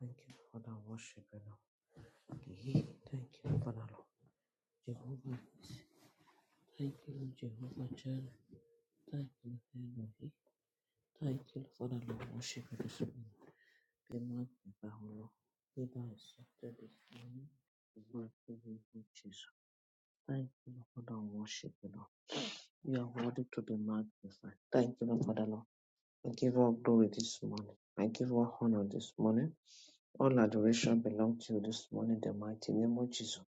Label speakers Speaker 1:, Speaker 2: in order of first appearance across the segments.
Speaker 1: Thank you for the worship you know. Thank you for the Lord. Jehovah. Nissi. Thank you, Jehovah Jireh. Thank you, Elohim. Thank you for the Lord worship this morning. Be magnified, O Lord. Be thou exalted this morning. In the mighty Jesus. Thank you for the worship you know. You are worthy to be magnified. Thank you Lord, for the Lord. I give all glory this morning. I give all honor this morning. All adoration belongs to you this morning, in the mighty name of Jesus.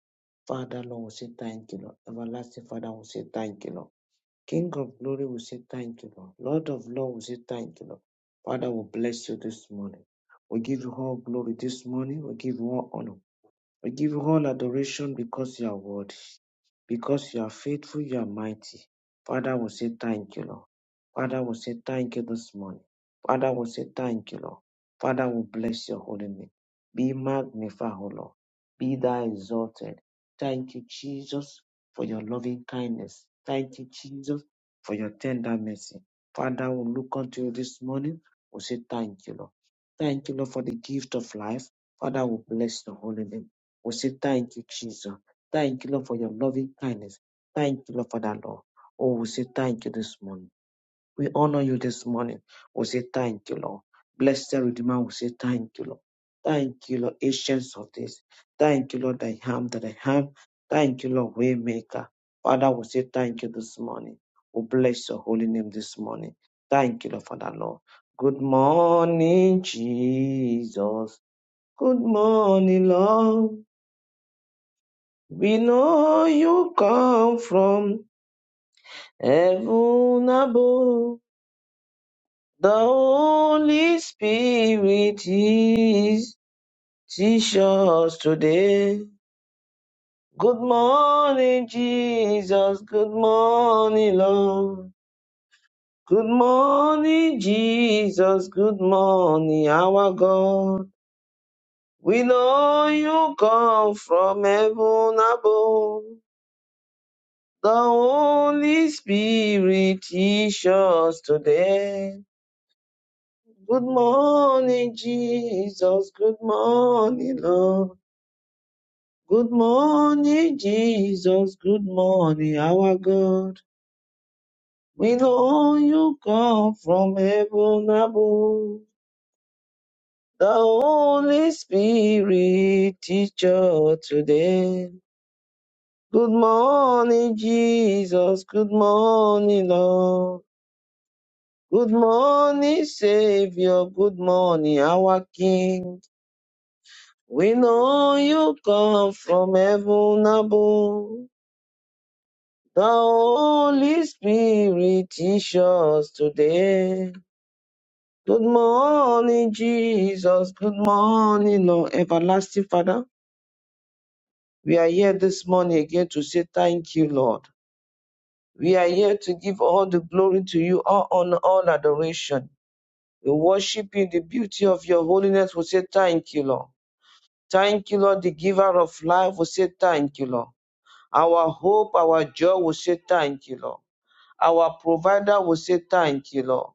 Speaker 1: Father, Lord, we say thank you, Lord. Everlasting Father, we say thank you, Lord. King of glory, we say thank you, Lord. Lord of Lord, we say thank you, Lord. Father, we bless you this morning. We give you all glory this morning. We give you all honor. We give you all adoration because you are worthy. Because you are faithful, you are mighty. Father will say thank you, Lord. Father will say thank you this morning. Father will say thank you, Lord. Father will bless your holy name. Be magnified, O Lord. Be thou exalted. Thank you, Jesus, for your loving kindness. Thank you, Jesus, for your tender mercy. Father will look unto you this morning. Will say thank you, Lord. Thank you, Lord, for the gift of life. Father will bless your holy name. We say thank you, Jesus. Thank you, Lord, for your loving kindness. Thank you, Lord, for that, Lord. Oh, we say thank you this morning. We honor you this morning. We say thank you, Lord. Blessed Redeemer, we say thank you, Lord. Thank you, Lord, ancients of this. Thank you, Lord, I am that I am. Thank you, Lord, Waymaker. Father, we say thank you this morning. We bless your holy name this morning. Thank you, Lord, for that, Lord. Good morning, Jesus. Good morning, Lord. We know you come from heaven above. The Holy Spirit is teach us today. Good morning, Jesus. Good morning, Lord. Good morning, Jesus. Good morning, our God. We know you come from heaven above. The Holy Spirit teach us today. Good morning, Jesus. Good morning, Lord. Good morning, Jesus. Good morning, our God. We know you come from heaven above. The Holy Spirit teach us today. Good morning, Jesus. Good morning, Lord. Good morning, Savior. Good morning, our King. We know you come from heaven above. The Holy Spirit teach us today. Good morning, Jesus. Good morning, Lord. Everlasting Father, we are here this morning again to say thank you, Lord. We are here to give all the glory to you, all honor, all adoration. We worship you in the beauty of your holiness. We say thank you, Lord. Thank you, Lord, the giver of life. We say thank you, Lord. Our hope, our joy, we say thank you, Lord. Our provider, we say thank you, Lord.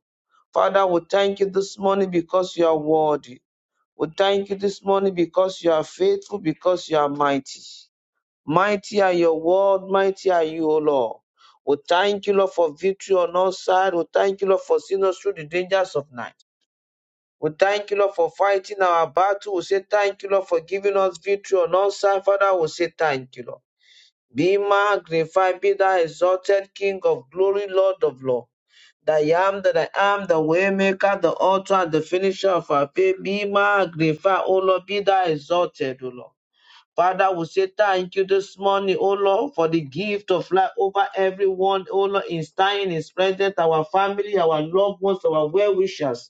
Speaker 1: Father, we thank you this morning because you are worthy. We thank you this morning because you are faithful, because you are mighty. Mighty are your word, mighty are you, O Lord. We thank you, Lord, for victory on all sides. We thank you, Lord, for seeing us through the dangers of night. We thank you, Lord, for fighting our battle. We say thank you, Lord, for giving us victory on all sides. Father, we say thank you, Lord. Be magnified, be thou exalted King of glory, Lord of Lord. That I am, that I am, the waymaker, the author, and the finisher of our faith. Be magnified, O Lord, be thou exalted, O Lord. Father, we say thank you this morning, O Lord, for the gift of life over everyone, O Lord, in staying, in presence, our family, our loved ones, our well-wishers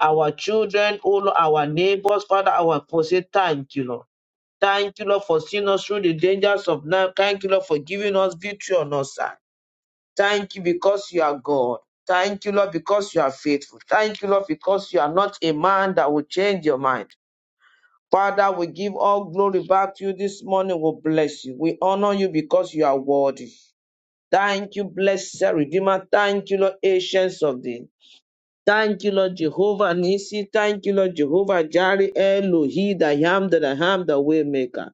Speaker 1: our children, oh Lord, our neighbors, Father, our people. Say thank you, Lord. Thank you, Lord, for seeing us through the dangers of now. Thank you, Lord, for giving us victory on us, sir. Thank you because you are God. Thank you, Lord, because you are faithful. Thank you, Lord, because you are not a man that will change your mind. Father, we give all glory back to you this morning. We bless you. We honor you because you are worthy. Thank you, blessed Redeemer. Thank you, Lord, Ancients of Days. Thank you, Lord Jehovah Nisi. Thank you, Lord Jehovah Jireh, Elohi, the Yam, the Ham, the Waymaker,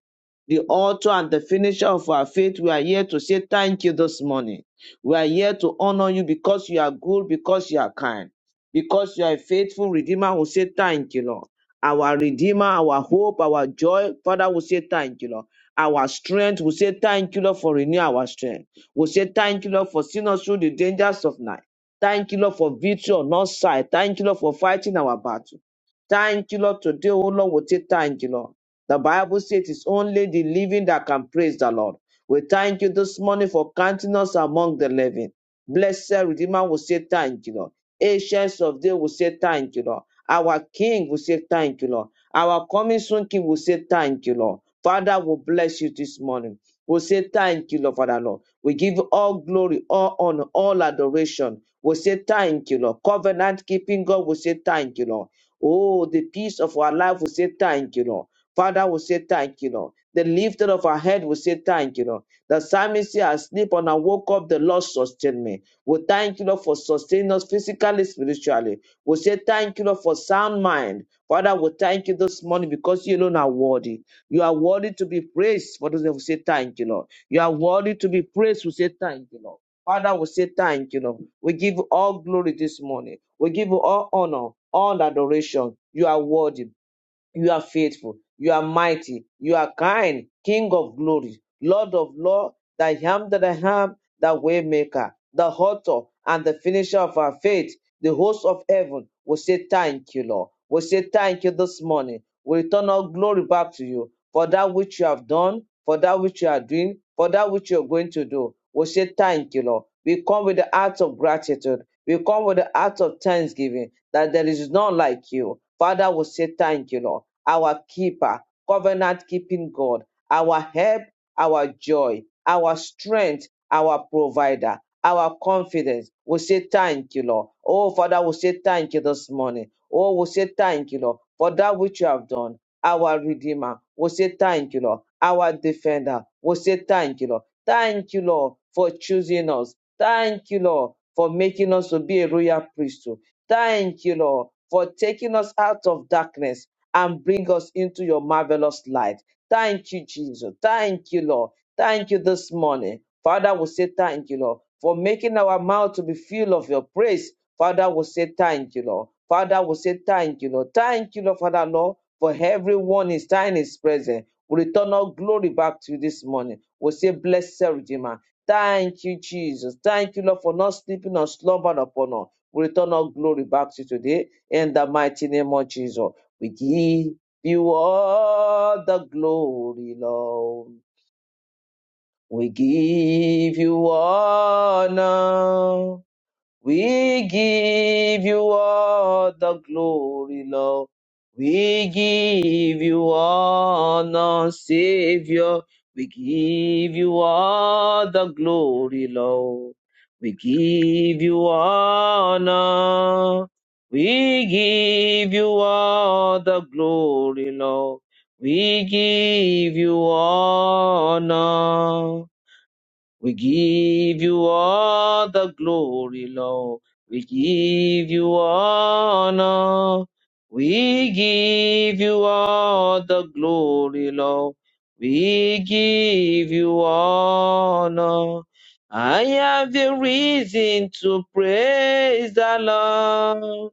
Speaker 1: the author and the finisher of our faith. We are here to say thank you this morning. We are here to honor you because you are good, because you are kind, because you are a faithful Redeemer. We say thank you, Lord. Our Redeemer, our hope, our joy. Father, we say thank you, Lord. Our strength, we say thank you, Lord, for renew our strength. We say thank you, Lord, for seeing us through the dangers of night. Thank you, Lord, for victory on our side. Thank you, Lord, for fighting our battle. Thank you, Lord. Today, oh Lord, we say thank you, Lord. The Bible says it is only the living that can praise the Lord. We thank you this morning for counting us among the living. Blessed Redeemer will say thank you, Lord. Ancients of day will say thank you, Lord. Our King will say thank you, Lord. Our coming soon King will say thank you, Lord. Father, we bless you this morning. We say thank you, Lord, Father, Lord. We give all glory, all honor, all adoration. We say thank you, Lord. Covenant keeping God, we say thank you, Lord. Oh, the peace of our life, we say thank you, Lord. Father, we say thank you, Lord. The lifter of our head, we say thank you, Lord. The psalmist said, I sleep and I woke up, the Lord sustained me. We thank you, Lord, for sustaining us physically, spiritually. We say thank you, Lord, for sound mind. Father, we thank you this morning because you alone are worthy. You are worthy to be praised. For those who say thank you, Lord. You are worthy to be praised. We say thank you, Lord. Father, we say thank you, Lord. We give you all glory this morning. We give you all honor, all adoration. You are worthy. You are faithful. You are mighty. You are kind. King of glory. Lord of Lord, the Ham that I am, the way maker, the author and the finisher of our faith, the host of heaven. We say thank you, Lord. We say thank you this morning. We return all glory back to you for that which you have done, for that which you are doing, for that which you are going to do. We say thank you, Lord. We come with the heart of gratitude. We come with the heart of thanksgiving that there is none like you. Father, we say thank you, Lord. Our keeper, covenant keeping God, our help, our joy, our strength, our provider, our confidence. We say thank you, Lord. Oh, Father, we say thank you this morning. Oh, we say thank you, Lord, for that which you have done. Our Redeemer, we say thank you, Lord. Our Defender, we say thank you, Lord. Thank you, Lord, for choosing us. Thank you, Lord, for making us to be a royal priesthood. Thank you, Lord, for taking us out of darkness and bring us into your marvelous light. Thank you, Jesus. Thank you, Lord. Thank you this morning. Father, we say thank you, Lord, for making our mouth to be filled of your praise. Father, we say thank you, Lord. Father, we say thank you, Lord. Thank you, Lord, Father, Lord, for everyone is time is present. We return our glory back to you this morning. We say, Blessed Redeemer. Thank you, Jesus. Thank you, Lord, for not sleeping or slumbering upon us. We return our glory back to you today in the mighty name of Jesus. We give you all the glory, Lord. We give you honor. We give you all the glory, Lord. We give you honor, Savior. We give you all the glory, Lord. We give you honor. We give you all the glory, Lord. We give you honor. We give you all the glory, Lord. We give you honor. We give you all the glory, Lord. We give you honor. I have a reason to praise the Lord.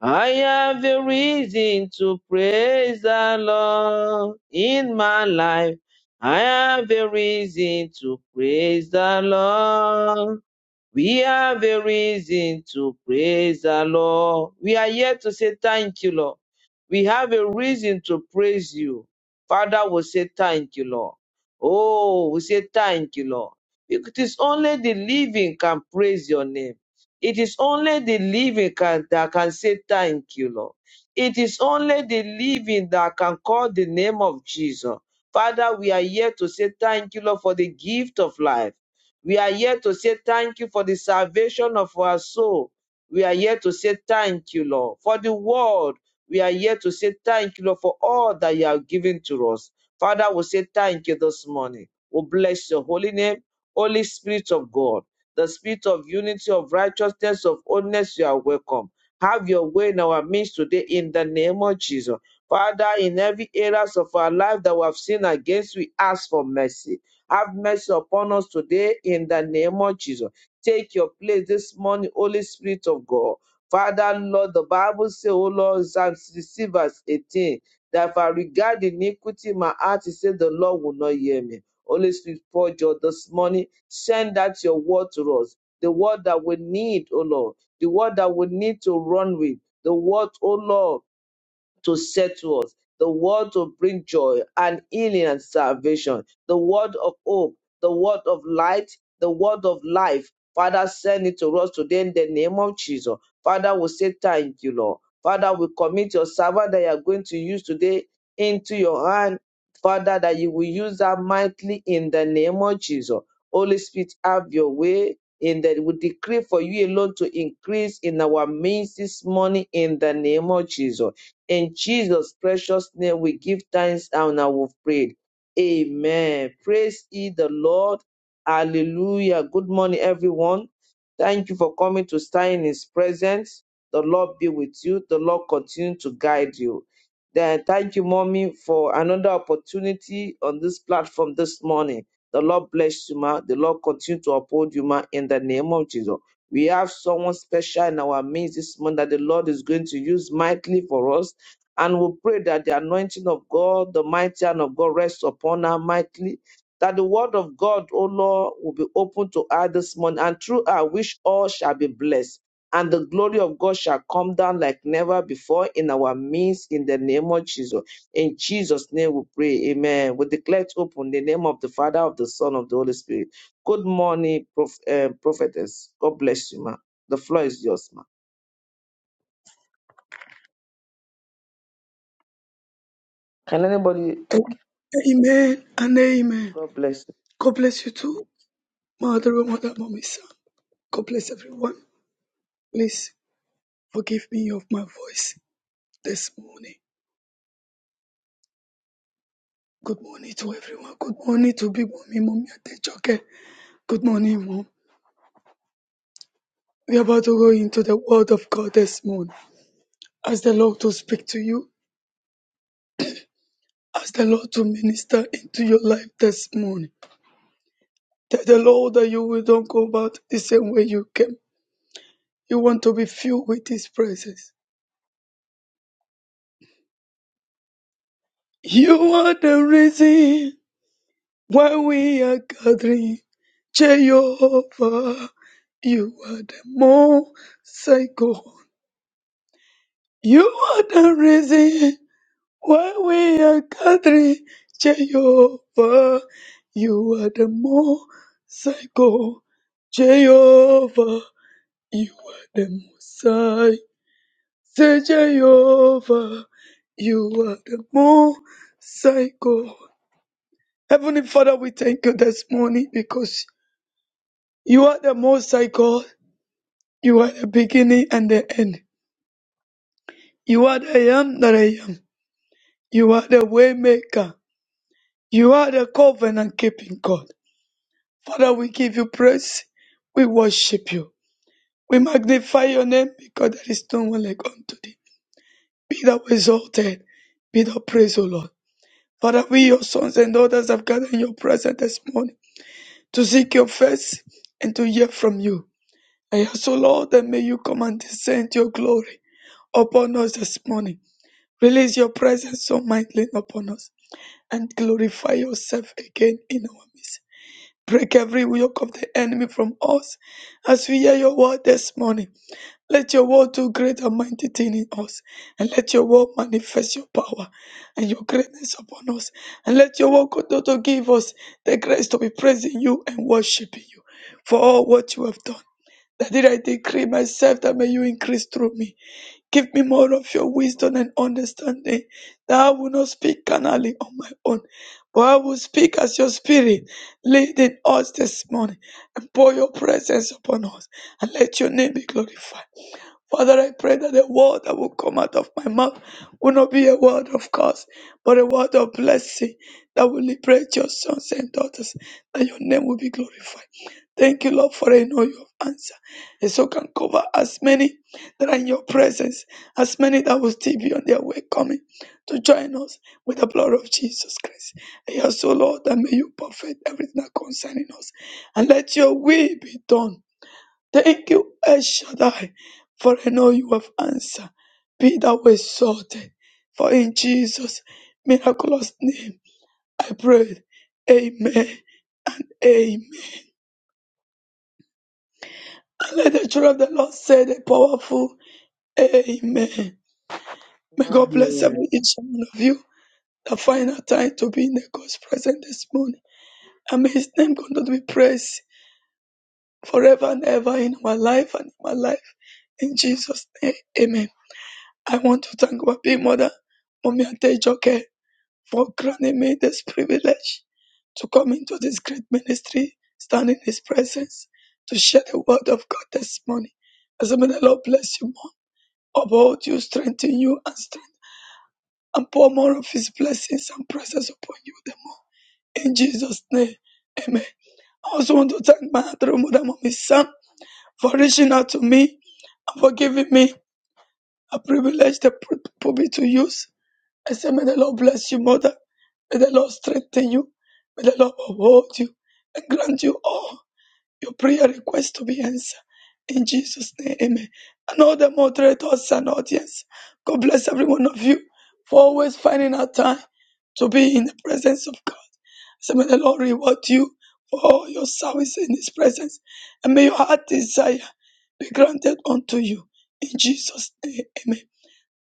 Speaker 1: I have a reason to praise the Lord in my life. I have a reason to praise the Lord. We have a reason to praise the Lord. We are here to say thank you, Lord. We have a reason to praise you. Father We say thank you, Lord. Oh, we say thank you, Lord. It is only the living can praise your name. It is only the living can, that can say thank you, Lord. It is only the living that can call the name of Jesus. Father, we are here to say thank you, Lord, for the gift of life. We are here to say thank you for the salvation of our soul. We are here to say thank you, Lord, for the world. We are here to say thank you, Lord, for all that you have given to us. Father, we say thank you this morning. We bless your holy name, Holy Spirit of God, the Spirit of unity, of righteousness, of holiness. You are welcome. Have your way in our midst today in the name of Jesus. Father, in every areas of our life that we have sinned against, we ask for mercy. Have mercy upon us today in the name of Jesus. Take your place this morning, Holy Spirit of God. Father, Lord, the Bible says, "Oh Lord, Psalm 60 verse 18, that if I regard iniquity in my heart, it says the Lord will not hear me. Holy Spirit, pour your this morning. Send out your word to us. The word that we need, Oh Lord. The word that we need to run with. The word, Oh Lord to settle us, the word to bring joy and healing and salvation, the word of hope, the word of light, the word of life. Father, send it to us today in the name of Jesus. Father, we say thank you, Lord. Father, we commit your servant that you are going to use today into your hand. Father, that you will use that mightily in the name of Jesus. Holy Spirit, have your way in that we decree for you alone to increase in our midst this morning in the name of Jesus. In Jesus' precious name, we give thanks and now we've prayed. Amen. Praise ye the Lord. Hallelujah. Good morning, everyone. Thank you for coming to stand in His presence. The Lord be with you. The Lord continue to guide you. Then thank you, mommy, for another opportunity on this platform this morning. The Lord bless you, ma. The Lord continue to uphold you, ma, in the name of Jesus. We have someone special in our midst this morning that the Lord is going to use mightily for us and we pray that the anointing of God, the mighty hand of God, rests upon her mightily. That the word of God, O Lord, will be open to her this morning, and through her, which all shall be blessed. And the glory of God shall come down like never before in our midst, in the name of Jesus. In Jesus' name we pray. Amen. We declare it open in the name of the Father, of the Son, of the Holy Spirit. Good morning, prof- eh, prophetess. God bless you, ma. The floor is yours, ma. Can anybody? Okay.
Speaker 2: amen and amen.
Speaker 1: God bless
Speaker 2: God bless you too, my other mother, mommy, son. God bless everyone. Please forgive me of my voice this morning. Good morning to everyone. Good morning to Big Mommy, Mommy Adejoke. Good morning, Mom. We're about to go into the Word of God this morning. Ask the Lord to speak to you. Ask the Lord to minister into your life this morning. Tell the Lord that you will don't go about the same way you came. You want to be filled with His presence. You are the reason why we are gathering, Jehovah. You are the most high God. You are the reason why we are gathering, Jehovah. You are the most high God, Jehovah. You are the most high. Say Jehovah. You are the most high God. Heavenly Father, we thank you this morning because you are the most high God. You are the beginning and the end. You are the I am that I am. You are the way maker. You are the covenant keeping God. Father, we give you praise. We worship you. We magnify your name because there is no one like unto thee. Be thou exalted. Be thou praised, O Lord. Father, we, your sons and daughters, have gathered in your presence this morning to seek your face and to hear from you. I ask, O Lord, that may you come and descend your glory upon us this morning. Release your presence so mightily upon us and glorify yourself again in our midst. Break every yoke of the enemy from us as we hear your word this morning. Let your word do great and mighty thing in us, and let your word manifest your power and your greatness upon us. And let your word continue to give us the grace to be praising you and worshiping you for all what you have done. That did I decree myself that may you increase through me. Give me more of your wisdom and understanding. That I will not speak carnally on my own, but I will speak as your spirit leading us this morning. And pour your presence upon us and let your name be glorified. Father, I pray that the word that will come out of my mouth will not be a word of curse, but a word of blessing that will liberate your sons and daughters, that your name will be glorified. Thank you, Lord, for I know you have answered. And so can cover as many that are in your presence, as many that will still be on their way coming to join us with the blood of Jesus Christ. And yes, so Lord, that may you perfect everything that concerning us. And let your will be done Thank you, El Shaddai, for I know you have answered. Be thou exalted, for in Jesus' miraculous name I pray. Amen. Amen. Let the children of the Lord say the powerful Amen. May God bless
Speaker 1: you.
Speaker 2: every each one of you. The final time to be in the God's presence this morning. And may His name continue to be praised forever and ever in our life and in my life. In Jesus' name, Amen. I want to thank our big mother, Mommy Ante Joke. for granting me this privilege to come into this great ministry, stand in His presence, to share the word of God this morning. I say, may the Lord bless you more, uphold you, strengthen you, and strength, and pour more of His blessings and presence upon you the more. In Jesus' name, Amen. I also want to thank my adorable mother, Mommy Sam, for reaching out to me and for giving me a privilege, the pulpit to use. I say, may the Lord bless you, Mother. May the Lord strengthen you. May the Lord uphold you and grant you all your prayer requests to be answered. In Jesus' name, amen. And all the moderators and audience, God bless every one of you for always finding out time to be in the presence of God. So may the Lord reward you for all your service in His presence. And may your heart desire be granted unto you. In Jesus' name, amen.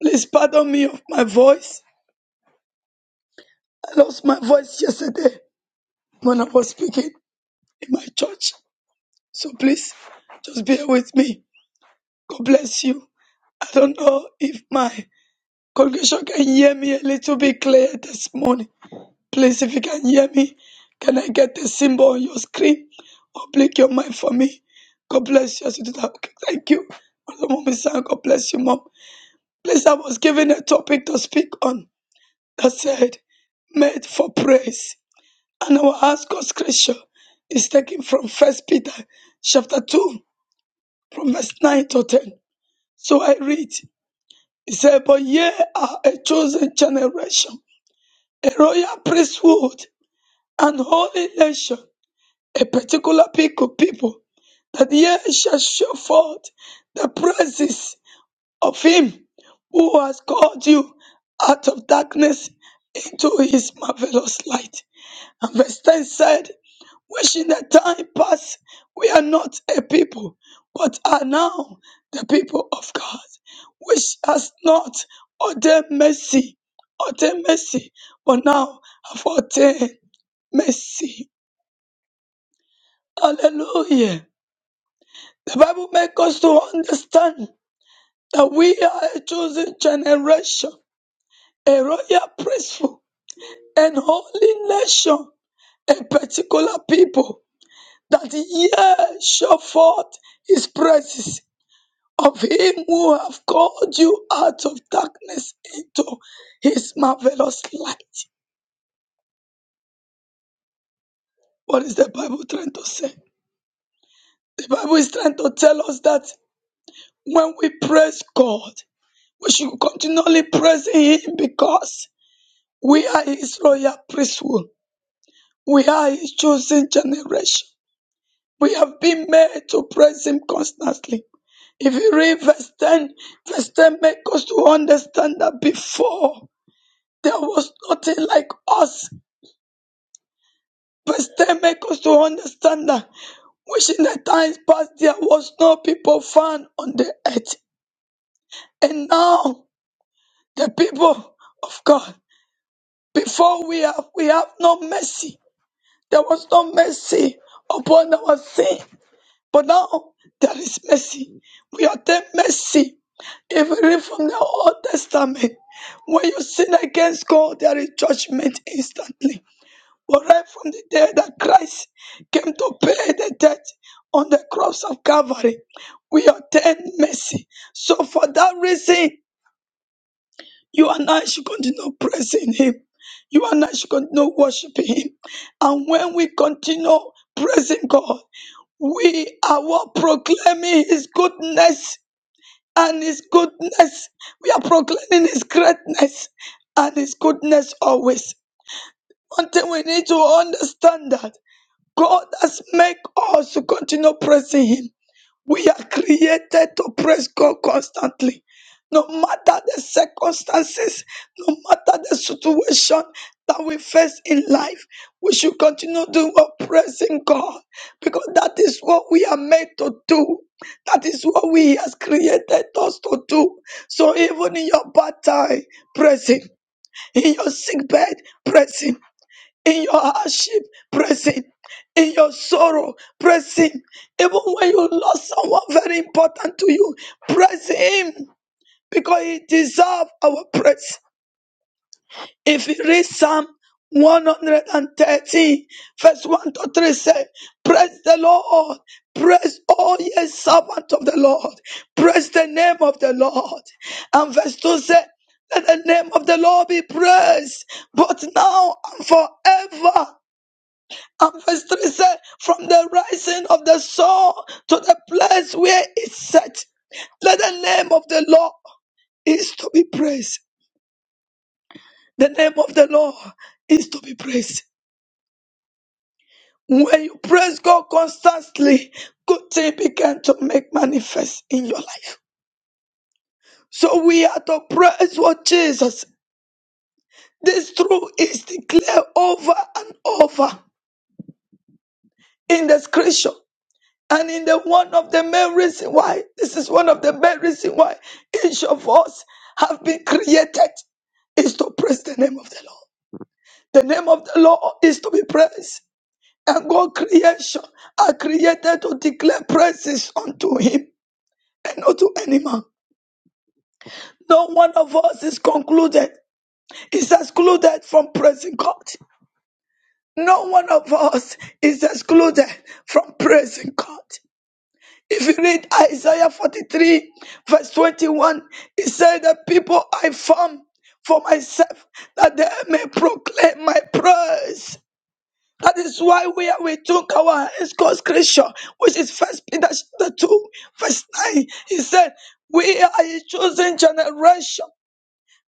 Speaker 2: Please pardon me of my voice. I lost my voice yesterday. when I was speaking in my church. So please just bear with me. God bless you. I don't know if my congregation can hear me a little bit clear this morning. Please, if you can hear me, can I get the symbol on your screen? Or blink your mind for me. God bless you as you do that. Okay, thank you. Mother Mommy San, God bless you, Mom. Please, I was given a topic to speak on that said, made for praise. And our anchor scripture is taken from First Peter chapter 2, from verse 9 to 10. So I read, it said, But ye are a chosen generation, a royal priesthood, and holy nation, a particular people, people, that ye shall show forth the praises of him who has called you out of darkness into his marvelous light. And verse 10 said, Wishing the time past, we are not a people, but are now the people of God, which has not ordained mercy, ordained mercy, but now have ordained mercy. Hallelujah. The Bible makes us to understand that we are a chosen generation, a royal priesthood, an holy nation, a particular people, that the year shall forth his praises of him who have called you out of darkness into his marvelous light. What is the Bible trying to say? The Bible is trying to tell us that when we praise God, we should continually praise him because we are his royal priesthood. We are his chosen generation. We have been made to praise him constantly. If you read verse 10, verse 10 makes us to understand that before there was nothing like us Verse 10 make us to understand that which in the times past there was no people found on the earth. And now the people of God, before we have we have no mercy. There was no mercy upon our sin. But now there is mercy. We obtain mercy. If we read from the Old Testament, when you sin against God, there is judgment instantly. Were raised from the day that Christ came to pay the debt on the cross of Calvary, we obtain mercy. So for that reason, you and I should continue praising Him. You and I should continue worshiping Him. And when we continue praising God, we are what proclaiming His goodness and His goodness. We are proclaiming His greatness and His goodness always. One thing we need to understand that. God has made us to continue praising Him. We are created to praise God constantly. No matter the circumstances, no matter the situation that we face in life, we should continue doing what praising God because that is what we are made to do. That is what we has created us to do. So even in your bad time, praise Him. In your sick bed, praise Him in your hardship, praise him. In your sorrow, praise him. Even when you lost someone very important to you, praise him because he deserves our praise. If you read Psalm 113, verse 1 to 3 say, Praise the Lord, praise all ye servants of the Lord, praise the name of the Lord. And verse 2 says, Let the name of the Lord be praised, both now and forever. And verse 3 said, From the rising of the sun to the place where it set, let the name of the Lord is to be praised. The name of the Lord is to be praised. When you praise God constantly, good things begin to make manifest in your life. So we are to praise what Jesus. This truth is declared over and over in the scripture. And in the one of the main reason why, this is one of the main reason why each of us have been created is to praise the name of the Lord. The name of the Lord is to be praised. And God creation are created to declare praises unto him and not to any man. No one of us is concluded, is excluded from praising God. No one of us is excluded from praising God. If you read Isaiah 43, verse 21, it said, The people I form for myself, that they may proclaim my praise. That is why we are we took our hands God's creation, which is first Peter chapter 2, verse 9. He said, We are a chosen generation,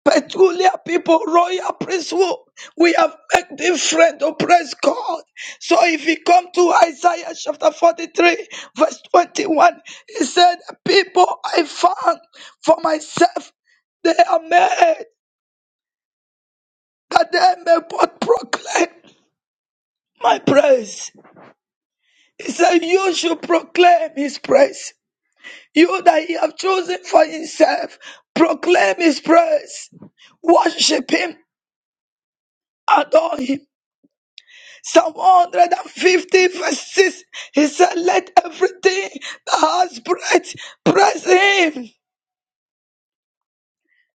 Speaker 2: peculiar people, royal priesthood. We have made different to praise God. So if you come to Isaiah chapter 43, verse 21, he said, People I found for myself, they are made that they may both proclaim my praise. He said, You should proclaim his praise. You that he have chosen for himself, proclaim his praise, worship him, adore him. Psalm 150 verse 6, he said, Let everything that has breath praise him.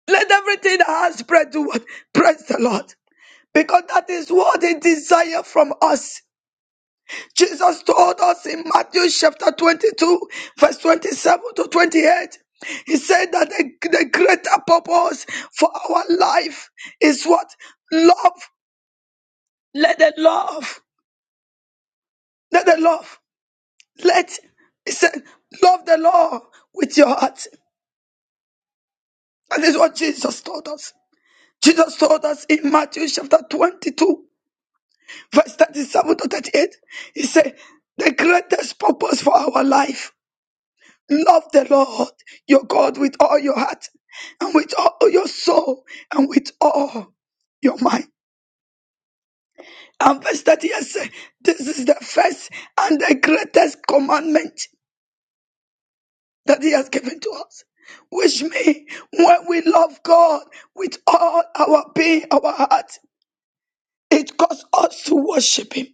Speaker 2: Let everything that has breath do what? Praise the Lord. Because that is what he desire from us. Jesus told us in Matthew chapter 22, verse 27 to 28. He said that the, the greater purpose for our life is what? Love. Let the love. Let the love. Let he said, love the Lord with your heart. And this is what Jesus told us. Jesus told us in Matthew chapter 22, verse 37 to 38. He said, the greatest purpose for our life, love the Lord your God with all your heart and with all your soul and with all your mind. And verse 38 says, this is the first and the greatest commandment. that He has given to us. Which means when we love God with all our being, our heart, it causes us to worship Him.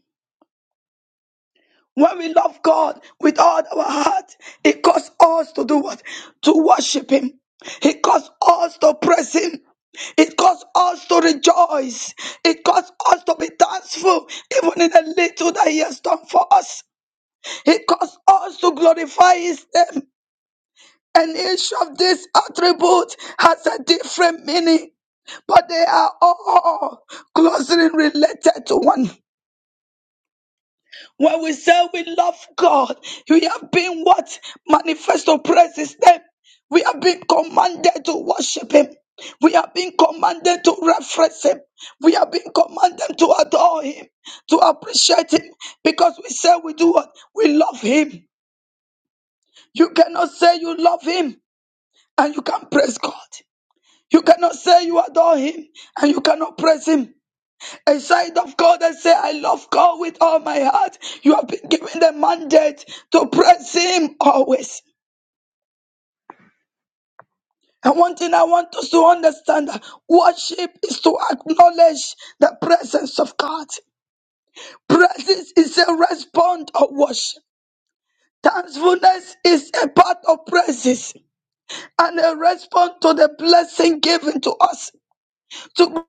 Speaker 2: When we love God with all our heart, it causes us to do what? To worship Him. It causes us to praise Him. It caused us to rejoice. It caused us to be thankful, even in the little that He has done for us. It caused us to glorify His name. And each of these attributes has a different meaning, but they are all closely related to one. When we say we love God, we have been what? Manifest to praise His name. We have been commanded to worship Him. We have been commanded to reference Him. We have been commanded to adore Him, to appreciate Him, because we say we do what? We love Him. You cannot say you love Him and you can praise God. You cannot say you adore him and you cannot praise him. A side of God and say, I love God with all my heart. You have been given the mandate to praise him always. And one thing I want us to understand that worship is to acknowledge the presence of God. Praises is a response of worship. Thankfulness is a part of praises and a response to the blessing given to us. To-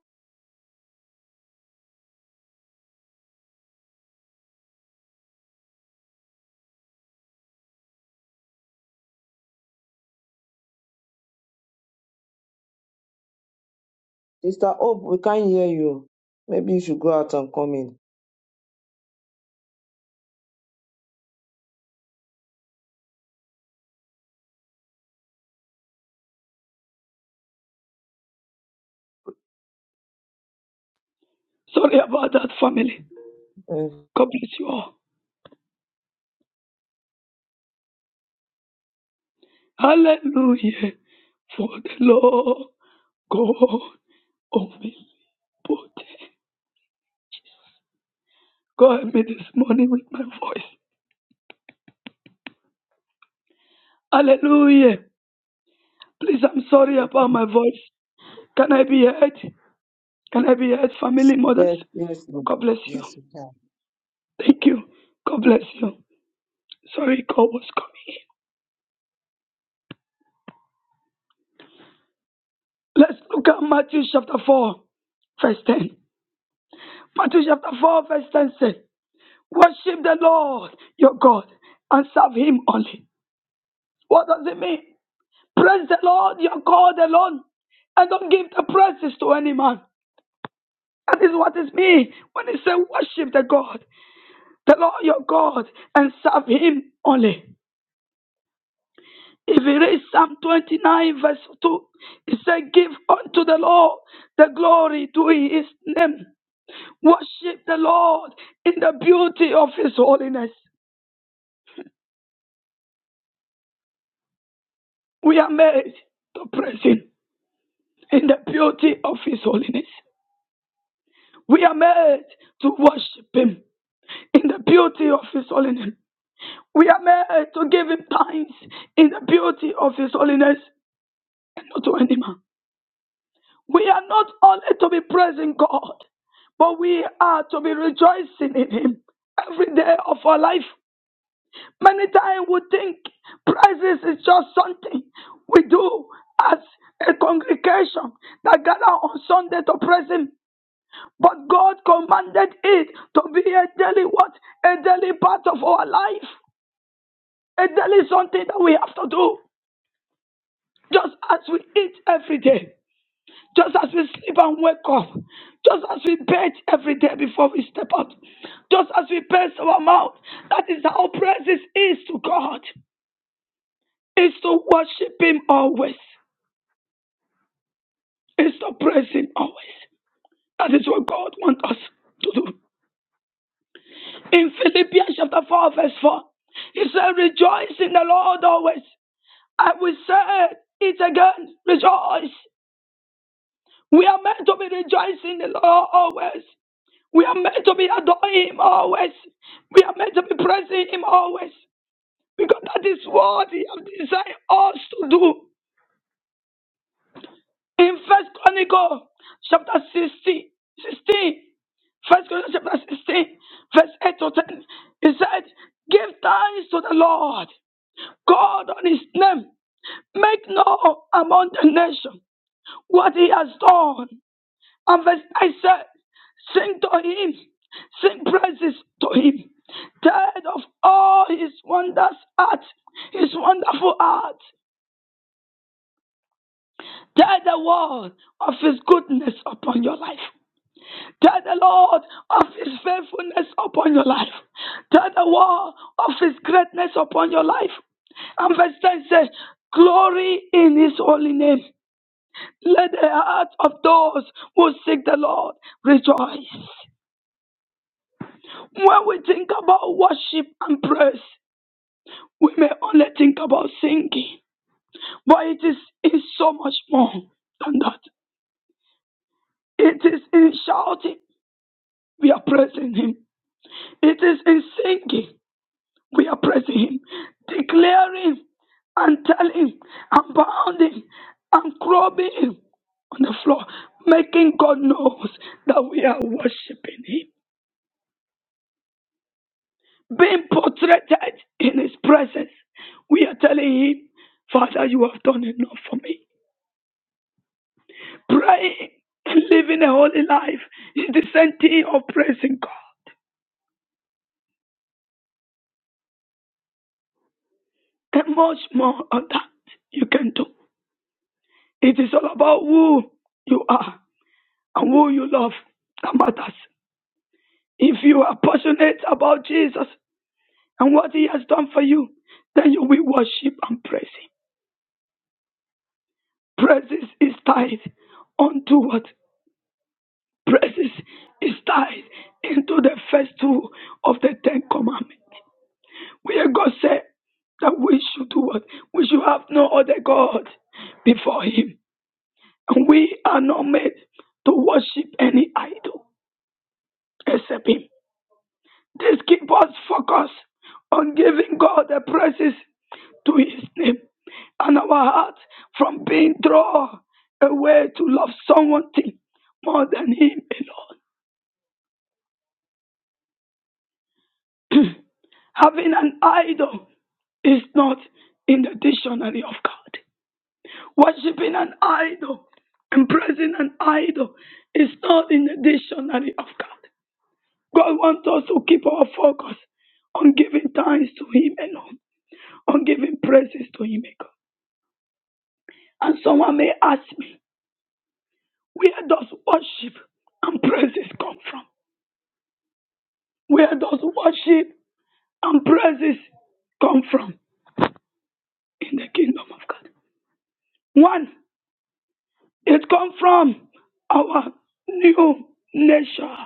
Speaker 1: Sister Hope, we can't hear you. Maybe you should go out and come in.
Speaker 2: Sorry about that, family.
Speaker 1: Mm.
Speaker 2: God bless you all. Hallelujah. For the Lord God omnipotent. God help me this morning with my voice. Hallelujah. Please, I'm sorry
Speaker 1: Yes,
Speaker 2: about my voice. Can I be heard? Can I be heard, family mothers?
Speaker 1: yes, yes. ma'am.
Speaker 2: God bless you.
Speaker 3: Yes, we can.
Speaker 2: Thank you. God bless you. Sorry, God was coming. Let's look at Matthew chapter 4, verse 10. Matthew chapter 4, verse 10 says, Worship the Lord your God and serve him only. What does it mean? Praise the Lord, your God alone, and don't give the praises to any man. That is what is me when it says worship the God, the Lord your God, and serve him only. If you read Psalm 29, verse 2, it says Give unto the Lord the glory to his name. Worship the Lord in the beauty of his holiness. We are made to praise him in the beauty of his holiness. We are made to worship him in the beauty of His holiness. We are made to give Him thanks in the beauty of His holiness and not to any man. We are not only to be praising God, but we are to be rejoicing in Him every day of our life. Many times we think praises is just something we do as a congregation that gather on Sunday to praise Him. But God commanded it to be a daily what? A daily part of our life. And that is something that we have to do. Just as we eat every day, just as we sleep and wake up, just as we bathe every day before we step out, just as we pace our mouth, that is how praises is to God. Is to worship Him always. Is to praise Him always. That is what God wants us to do. In Philippians chapter 4, verse 4, He said, Rejoice in the Lord always. I will say it again, rejoice. We are meant to be rejoicing in the Lord always. We are meant to be adoring Him always. We are meant to be praising Him always. Because that is what He has designed us to do. In First Chronicle chapter sixteen, sixteen, First 16 chapter 16, verse 8 to 10. He said, Give thanks to the Lord, God on his name. Make known among the nations what he has done. And verse 9 says, Sing to him, sing praises to him. Tell of all his wonders art, his wonderful art. Tell the world of his goodness upon your life. Tell the Lord of his faithfulness upon your life. Tell the world of his greatness upon your life. And verse 10 says, Glory in his holy name. Let the heart of those who seek the Lord rejoice. When we think about worship and praise, we may only think about singing, but it is in so much more than that. It is in shouting, we are praising Him. It is in singing, we are praising Him, declaring and telling and bounding and crawling on the floor, making God knows that we are worshiping Him. being portrayed in his presence. We are telling him, Father, you have done enough for me. Praying and living a holy life is the same thing of praising God. And much more of that you can do. It is all about who you are and who you love that matters. If you are passionate about Jesus and what he has done for you, then you will worship and praise him. Praises is tied unto what? Praises is tied into the first two of the Ten Commandments, where God said that we should do what? We should have no other God before Him. And we are not made to worship any idol except Him. This keeps us focused on giving God the praises to His name and our heart from being drawn away to love someone thing more than Him alone. Having an idol is not in the dictionary of God. Worshipping an idol and praising an idol is not in the dictionary of God. God wants us to keep our focus on giving thanks to Him alone, on giving praises to Him alone. And someone may ask me, where does worship and praises come from? Where does worship and praises come from in the kingdom of God? One, It comes from our new nature.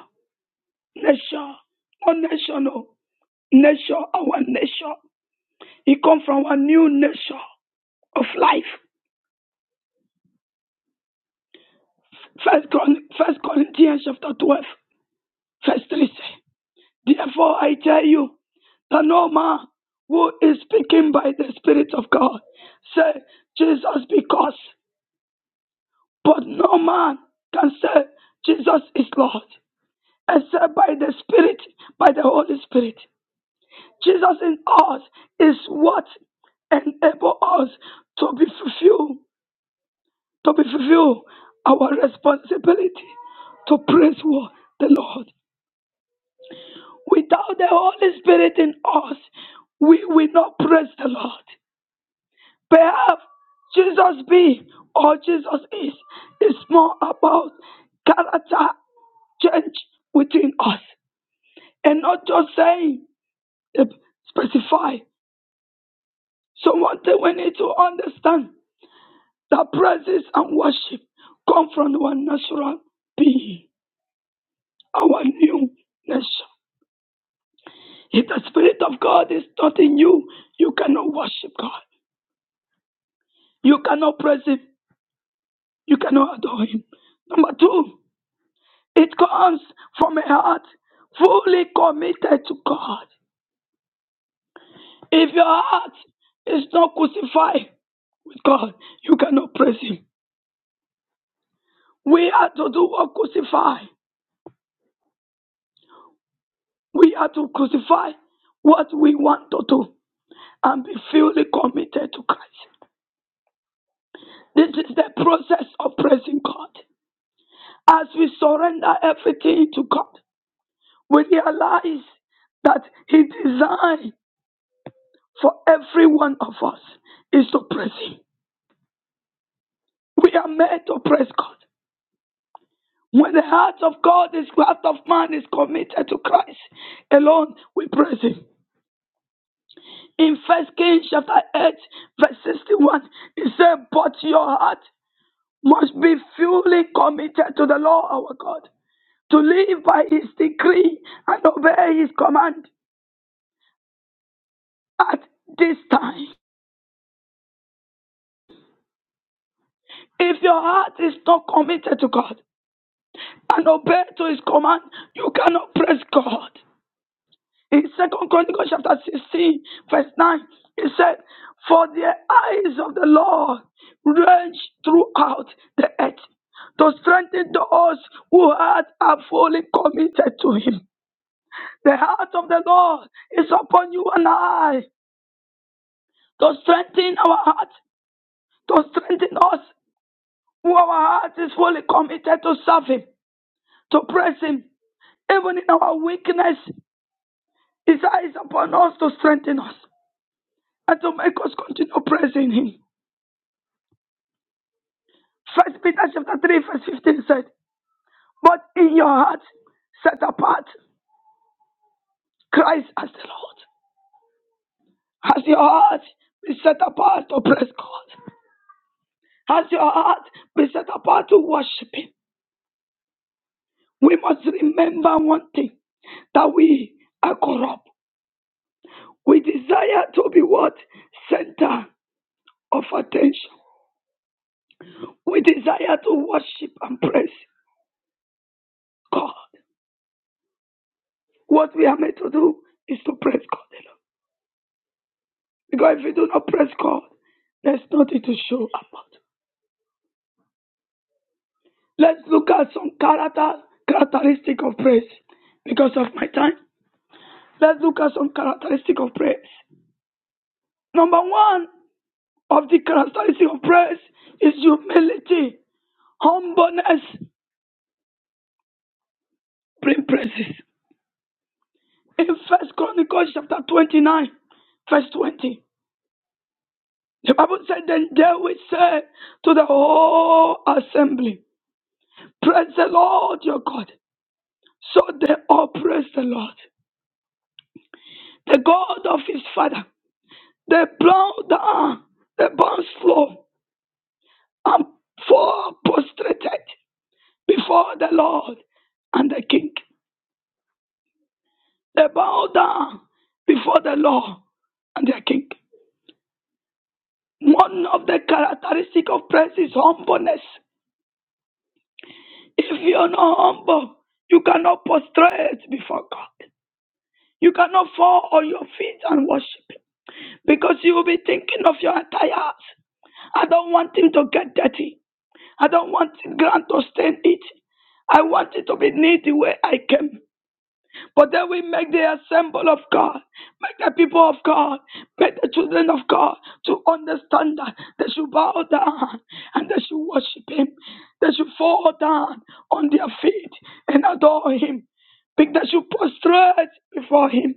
Speaker 2: Nature. Not nation, no. Nature, our nature. It comes from our new nature of life. First, Chron- First Corinthians chapter 12, verse 3 say, Therefore I tell you that no man who is speaking by the Spirit of God say Jesus because, but no man can say Jesus is Lord except by the Spirit, by the Holy Spirit. Jesus in us is what enable us to be fulfilled, to be fulfill our responsibility to praise wo- the Lord. Without the Holy Spirit in us, we will not praise the Lord. Perhaps Jesus be or Jesus is is more about character change within us and not just saying eh, specify. So one thing we need to understand That praises and worship come from our natural being, our new nature. If the Spirit of God is not in you, you cannot worship God. You cannot praise Him. You cannot adore Him. Number two, it comes from a heart fully committed to God. If your heart is not crucified with God, you cannot praise Him. We are to do what crucify. We are to crucify what we want to do. and be fully committed to Christ. This is the process of praising God. As we surrender everything to God, we realize that His design for every one of us is to praise Him. We are made to praise God. When the heart of God is heart of man is committed to Christ alone, we praise Him. In First Kings chapter eight, verse sixty-one, it said, "But your heart must be fully committed to the Lord our God." to live by his decree and obey his command at this time. If your heart is not committed to God and obey to his command, you cannot praise God. In Second Chronicles chapter 16, verse 9, it said, For the eyes of the Lord range throughout the earth to strengthen those whose hearts are fully committed to him. The heart of the Lord is upon you and I to strengthen our hearts to strengthen us who our heart is fully committed to serve Him, to praise Him. Even in our weakness, His eye is upon us to strengthen us and to make us continue praising Him. First Peter chapter 3, verse 15 said, But in your heart set apart Christ as the Lord. Has your heart been set apart to praise God? Has your heart been set apart to worship Him? We must remember one thing that we are corrupt. We desire to be what? Center of attention. We desire to worship and praise God. What we are made to do is to praise God alone. Because if we do not praise God, there's nothing to show about. Let's look at some character characteristic of praise. Because of my time, let's look at some characteristic of praise. Number one of the characteristic of praise is humility, humbleness, bring praises. In First Chronicles chapter 29, verse 20, the Bible said, Then David said to the whole assembly, Praise the Lord your God. So they all praised the Lord, the God of his father. They bowed down, they bowed slow, and fall prostrated before the Lord and the king. They bowed down before the Lord and their king. One of the characteristic of praise is humbleness. If you're not humble, you cannot prostrate before God. You cannot fall on your feet and worship Him because you will be thinking of your entire house. I don't want him to get dirty. I don't want the ground to stain it. I want it to be neat the way I came. But then we make the assemble of God, make the people of God, make the children of God to understand that they should bow down and they should worship Him. They should fall down on their feet and adore Him. Because they should prostrate before Him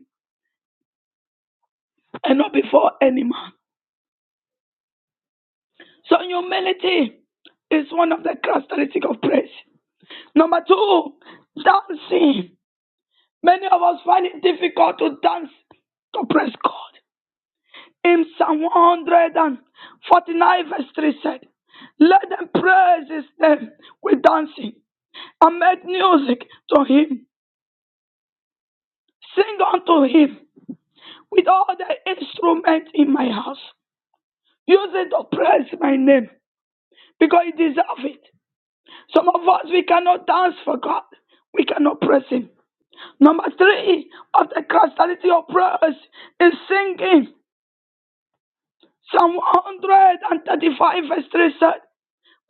Speaker 2: and not before any man. So humility is one of the characteristics of praise. Number two, dancing. Many of us find it difficult to dance to praise God. In Psalm 149, verse 3 said, Let them praise his name with dancing and make music to him. Sing unto him with all the instruments in my house. Use it to praise my name because you deserve it. Some of us, we cannot dance for God, we cannot praise him. Number three of the crystality of praise is singing. Psalm 135, verse 3 said,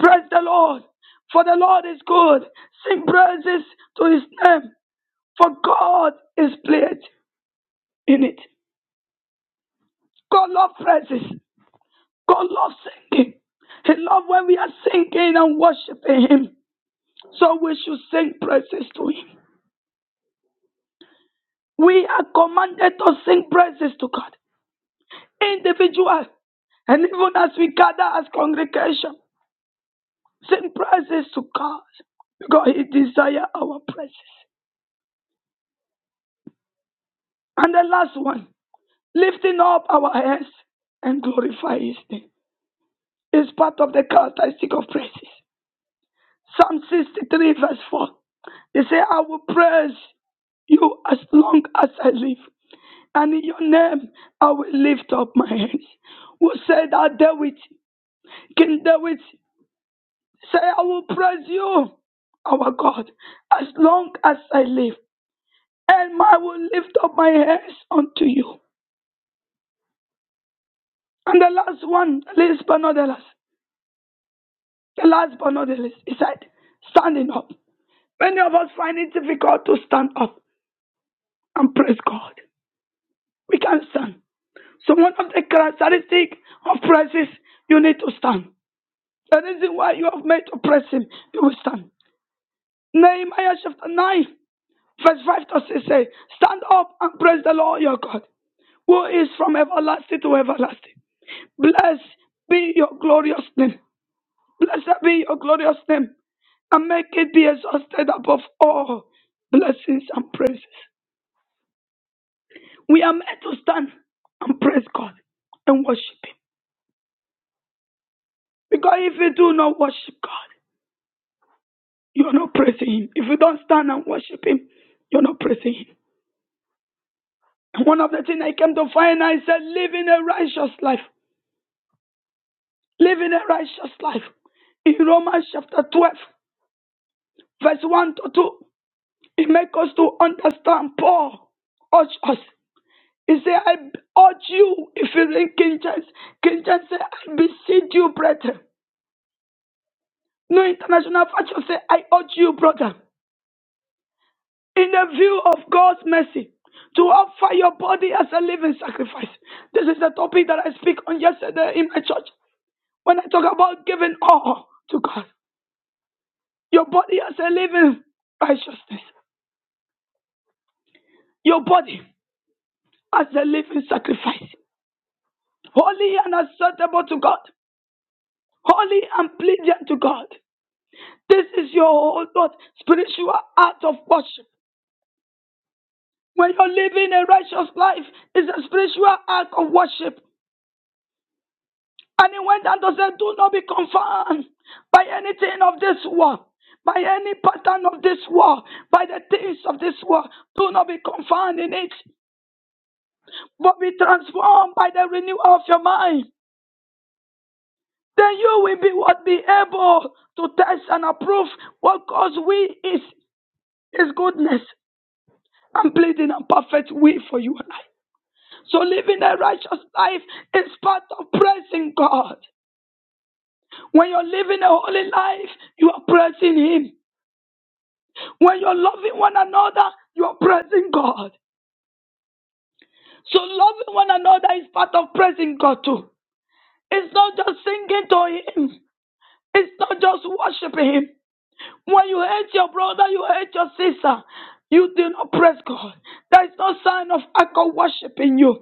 Speaker 2: Praise the Lord, for the Lord is good. Sing praises to his name, for God is pleased in it. God loves praises. God loves singing. He loves when we are singing and worshiping him. So we should sing praises to him. We are commanded to sing praises to God. Individual and even as we gather as congregation, sing praises to God because He desires our praises. And the last one, lifting up our hands and glorify his name. It's part of the characteristic of praises. Psalm 63, verse 4. They say, I will praise you as long as I live, and in your name I will lift up my hands. Who said that David? King David say, I will praise you, our God, as long as I live, and I will lift up my hands unto you. And the last one, least but not the last. The last but not the least, he said, standing up. Many of us find it difficult to stand up and praise God. We can stand. So one of the characteristics of praise is you need to stand. The reason why you have made to praise him, you will stand. Nehemiah chapter 9, verse 5 to 6 say, Stand up and praise the Lord your God, who is from everlasting to everlasting. Blessed be your glorious name. Blessed be your glorious name. and make it be exhausted above all blessings and praises. We are meant to stand and praise God and worship Him. Because if you do not worship God, you're not praising Him. If you don't stand and worship Him, you're not praising Him. And one of the things I came to find I said, living a righteous life, living a righteous life. In Romans chapter 12, verse 1 to 2, it makes us to understand Paul urged us. He said, I urge you, if you read King James, King James said, I beseech you, brethren. No international version said, I urge you, brother, in the view of God's mercy, to offer your body as a living sacrifice. This is the topic that I speak on yesterday in my church when I talk about giving all to God. Your body as a living righteousness. Your body as a living sacrifice. Holy and acceptable to God. Holy and pleasing to God. This is your oh Lord, spiritual act of worship. When you're living a righteous life, it's a spiritual act of worship. And he went on to say, Do not be confounded by anything of this world, by any pattern of this world, by the things of this world. Do not be confounded in it, but be transformed by the renewal of your mind. Then you will be what be able to test and approve what God's will is, His goodness and pleading and perfect will for you and I. So living a righteous life is part of praising God. When you're living a holy life, you are praising Him. When you're loving one another, you are praising God. So loving one another is part of praising God too. It's not just singing to Him. It's not just worshiping Him. When you hate your brother, you hate your sister. You do not praise God. There is no sign of alcohol worship in you.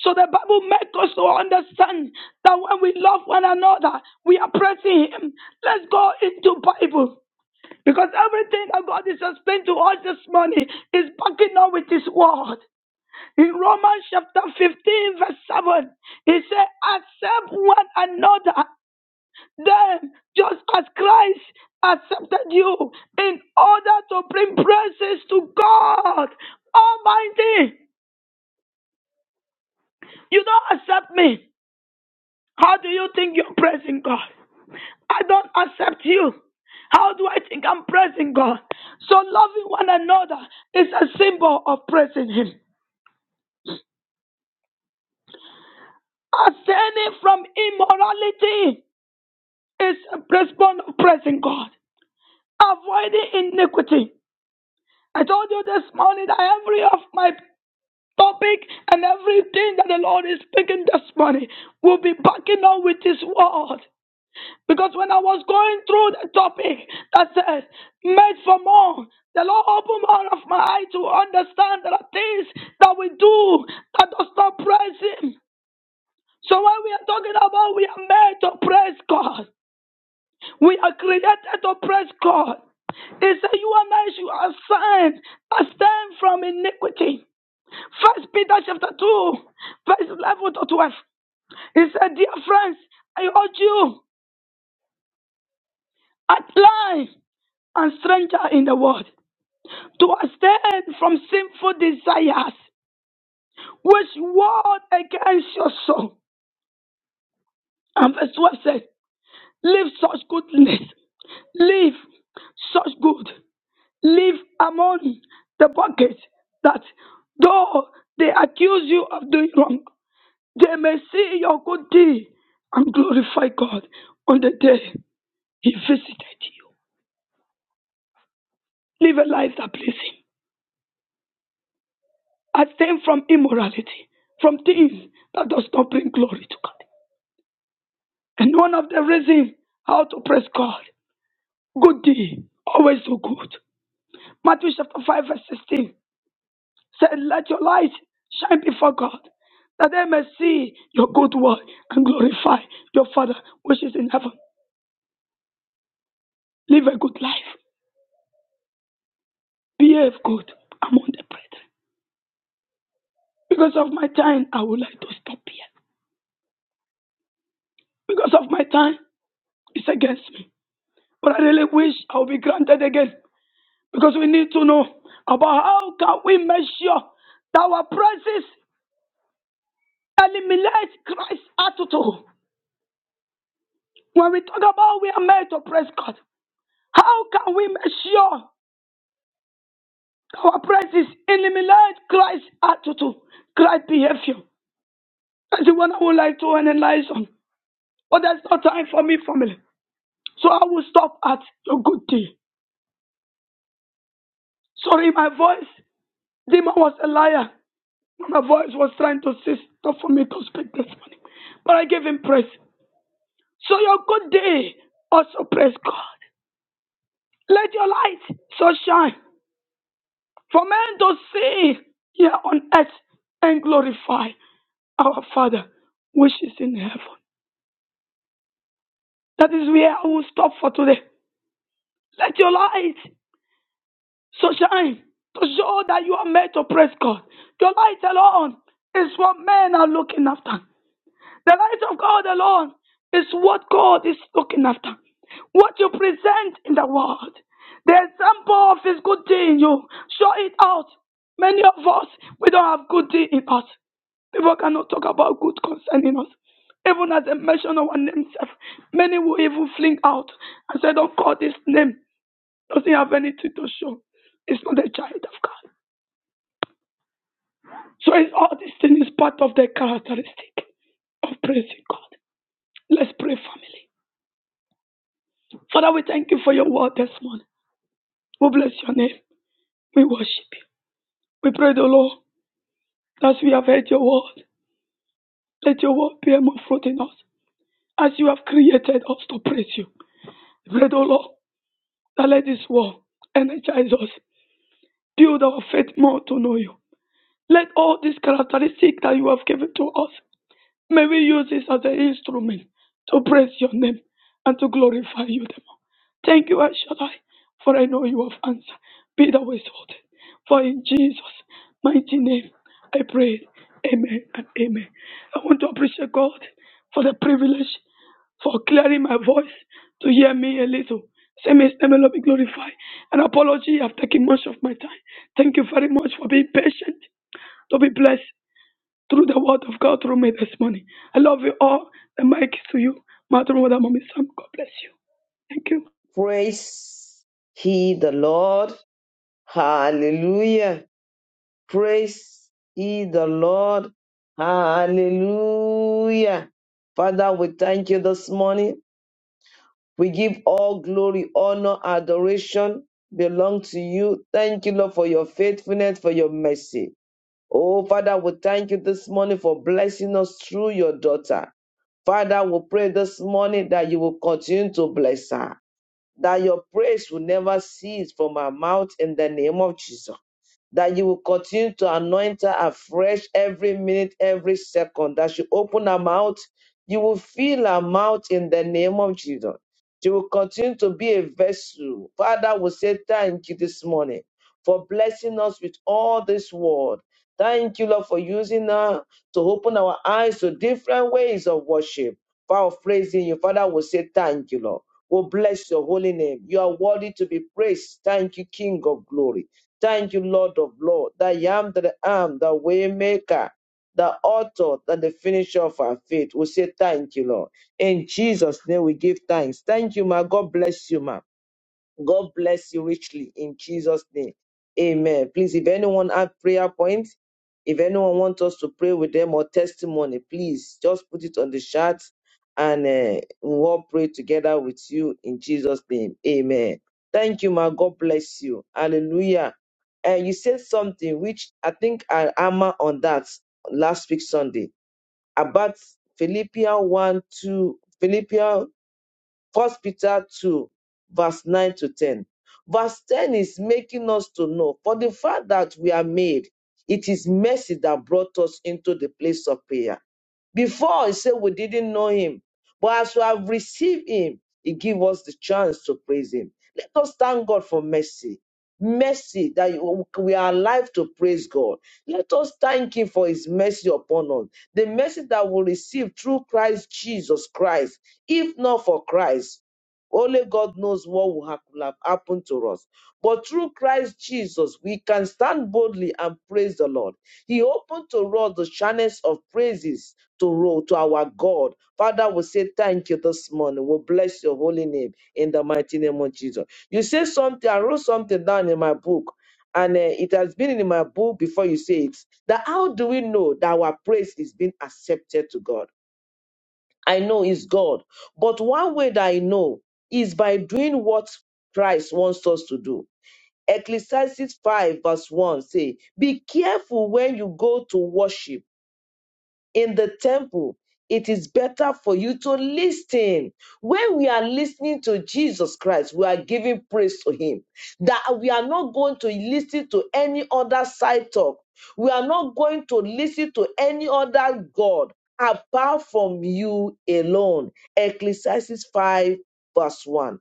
Speaker 2: So the Bible makes us to understand that when we love one another, we are praising Him. Let's go into Bible. Because everything that God is explaining to us this morning is backing up with His word. In Romans chapter 15, verse 7, He said, Accept one another, then just as Christ accepted you, in order to bring praises to God Almighty. You don't accept me. How do you think you're praising God? I don't accept you. How do I think I'm praising God? So loving one another is a symbol of praising Him. Abstaining from immorality is a response of praising God. Avoiding iniquity. I told you this morning that every of my topic and everything that the Lord is speaking this morning will be backing up with His word. Because when I was going through the topic that says made for more, the Lord opened more of my eye to understand there are things that we do that does not praise Him. So when we are talking about we are made to praise God, we are created to praise God. He said, You and I should have signed, a stand from iniquity. First Peter chapter 2, verse 11 to 12. He said, Dear friends, I urge you, at life. and stranger in the world to abstain from sinful desires which war against your soul. And verse 12 says, Live such goodness, live such good, live among the bucket that though they accuse you of doing wrong, they may see your good deed and glorify God on the day He visited you. Live a life that pleases Him. Abstain from immorality, from things that does not bring glory to God. And one of the reasons how to praise God, good deed, always do good. Matthew chapter 5 verse 16 said, let your light shine before God, that they may see your good work and glorify your Father which is in heaven. Live a good life. Behave good among the brethren. Because of my time, I would like to stop here. Because of my time, it's against me. But I really wish I would be granted again Because we need to know about how can we make sure that our praises eliminate Christ's attitude. When we talk about we are made to praise God, how can we make sure that our praises eliminate Christ's attitude, Christ's behavior? That's the one I would like to analyze on. But there's no time for me, family. So I will stop at a good day. Sorry, my voice. Demon was a liar. My voice was trying to cease not for me to speak this morning. But I gave him praise. So your good day also praise God. Let your light so shine for men to see here on earth and glorify our Father which is in heaven. That is where I will stop for today. Let your light so shine to show that you are made to praise God. Your light alone is what men are looking after. The light of God alone is what God is looking after. What you present in the world, the example of His good deed in you, show it out. Many of us, we don't have good deed in us. People cannot talk about good concerning us. Even as they mention our name, self, many will even fling out and say, Don't call this name. Doesn't have anything to show. It's not a child of God. So it's all these things is part of the characteristic of praising God. Let's pray, family. Father, we thank you for your word this morning. We bless your name. We worship you. We pray the Lord as we have heard your word. Let your word bear more fruit in us as you have created us to praise you. We pray the Lord that let this word energize us, build our faith more to know you. Let all these characteristics that you have given to us May we use this as an instrument to praise your name and to glorify you the more. Thank you, El Shaddai, for I know you have answered. Be thou exalted. For in Jesus' mighty name I pray. Amen and amen. I want to appreciate God for the privilege for clearing my voice to hear me a little. Say, may his name Lord be glorified. An apology, I've taken much of my time. Thank you very much for being patient. To be blessed through the word of God through me this morning. I love you all. The mic is to you. Matthew, Mother, Mommy, Sam. God bless you. Thank you.
Speaker 1: Praise he the Lord. Hallelujah. Praise he the Lord. Hallelujah. Father, we thank you this morning. We give all glory, honor, adoration belong to you. Thank you, Lord, for your faithfulness, for your mercy. Oh, Father, we thank you this morning for blessing us through your daughter. Father, we pray this morning that you will continue to bless her, that your praise will never cease from her mouth in the name of Jesus that you will continue to anoint her afresh every minute, every second. That she open her mouth, you will fill her mouth in the name of Jesus. She will continue to be a vessel. Father, we say thank you this morning for blessing us with all this word. Thank you, Lord, for using her to open our eyes to different ways of worship. Father, praising you. Father, we say thank you, Lord. We bless your holy name. You are worthy to be praised. Thank you, King of glory. Thank you, Lord of Lord, that I am that I am, the Waymaker, the author and the finisher of our faith. We say thank you, Lord. In Jesus' name we give thanks. Thank you, ma. God bless you, ma. God bless you richly in Jesus' name. Amen. Please, if anyone have prayer points, if anyone wants us to pray with them or testimony, please just put it on the chat and uh, we'll all pray together with you in Jesus' name. Amen. Thank you, my God bless you. Hallelujah. And you said something which I think I hammer on that last week Sunday about Philippians 1 2, Philippians First Peter 2, verse 9 to 10. Verse 10 is making us to know for the fact that we are made, it is mercy that brought us into the place of prayer before he said we didn't know him, but as we have received him, he give us the chance to praise him. Let us thank God for mercy. Mercy that you- we are alive to praise God. Let us thank Him for His mercy upon us. The mercy that we receive through Christ Jesus Christ. If not for Christ, only God knows what would hap- will have happened to us. But through Christ Jesus, we can stand boldly and praise the Lord. He opened to us the channels of praises to, ro- to our God. Father, we say thank you this morning. We bless your holy name in the mighty name of Jesus. You say something, I wrote something down in my book, and uh, it has been in my book before you say it. That how do we know that our praise is being accepted to God? I know it's God, but one way that I know is by doing what Christ wants us to do. Ecclesiastes 5 verse 1 say, Be careful when you go to worship in the temple. It is better for you to listen. When we are listening to Jesus Christ, we are giving praise to him. That we are not going to listen to any other side talk. We are not going to listen to any other God apart from you alone. Ecclesiastes 5 verse 1.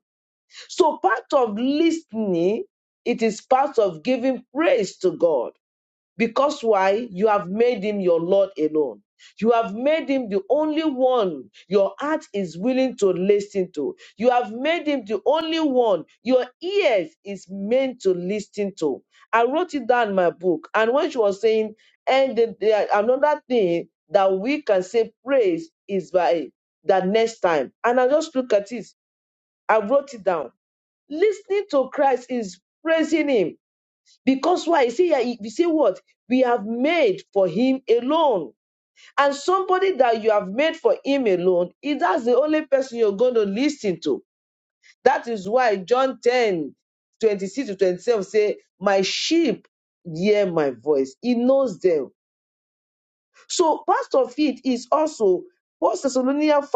Speaker 1: So part of listening, it is part of giving praise to God. Because why? You have made him your Lord alone. You have made him the only one your heart is willing to listen to. You have made him the only one your ears is meant to listen to. I wrote it down in my book. And when she was saying, and the, the- another thing that we can say praise is by the next time. And I just look at it. I wrote it down Listening to Christ is praising Him because why? You see, here, you see what we have made for Him alone, and somebody that you have made for Him alone, it, that's the only person you're going to listen to. That is why John 10 26 to 27 say, "My sheep hear my voice; He knows them." So part of it is also what Thessalonians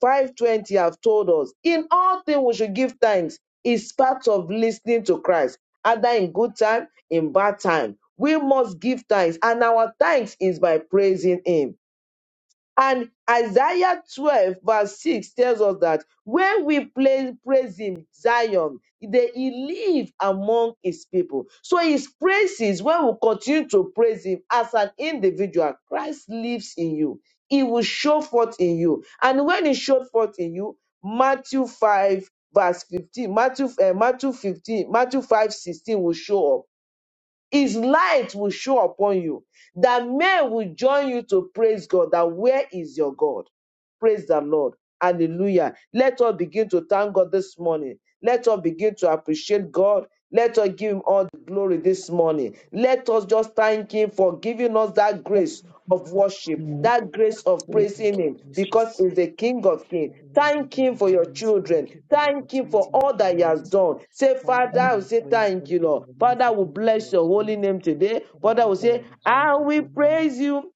Speaker 1: 520 have told us. In all things we should give thanks is part of listening to Christ, either in good time, in bad time. We must give thanks, and our thanks is by praising Him. And Isaiah 12, verse 6 tells us that when we pla- praise him, Zion, they, he lives among his people. So his praises, when we continue to praise him as an individual, Christ lives in you. He will show forth in you. And when he showed forth in you, Matthew 5, verse 15, Matthew, eh, Matthew 15, Matthew 5, 16 will show up his light will show upon you, that men will join you to praise God. That where is your God? Praise the Lord. Hallelujah. Let us begin to thank God this morning. Let us begin to appreciate God. Let us give him all the glory this morning. Let us just thank him for giving us that grace of worship,
Speaker 4: you
Speaker 1: that grace of
Speaker 3: Thank
Speaker 1: praising him,
Speaker 3: you,
Speaker 1: because
Speaker 3: Jesus.
Speaker 1: he's the King of Kings.
Speaker 3: Father, Lord, we
Speaker 1: Thank
Speaker 3: give
Speaker 1: him
Speaker 3: you
Speaker 1: for your
Speaker 3: praise.
Speaker 1: children.
Speaker 3: Thank you for the
Speaker 1: Thank him for
Speaker 3: opportunity you
Speaker 1: all
Speaker 3: give
Speaker 1: that he
Speaker 3: given
Speaker 1: has
Speaker 3: us.
Speaker 1: done. Say,
Speaker 3: Thank you
Speaker 1: Father,
Speaker 3: for
Speaker 4: repent
Speaker 1: I will
Speaker 3: your
Speaker 1: say
Speaker 3: grace.
Speaker 1: thank
Speaker 3: Thank
Speaker 1: you,
Speaker 3: you for
Speaker 1: Lord.
Speaker 3: your mercy.
Speaker 1: Father, we
Speaker 3: Thank you
Speaker 1: bless
Speaker 3: for your
Speaker 1: your holy
Speaker 3: strength.
Speaker 1: name today.
Speaker 3: Father,
Speaker 1: Father,
Speaker 3: Lord,
Speaker 1: will
Speaker 3: we
Speaker 1: say,
Speaker 3: exalt
Speaker 1: I
Speaker 3: your
Speaker 1: will
Speaker 3: holy name.
Speaker 1: praise you,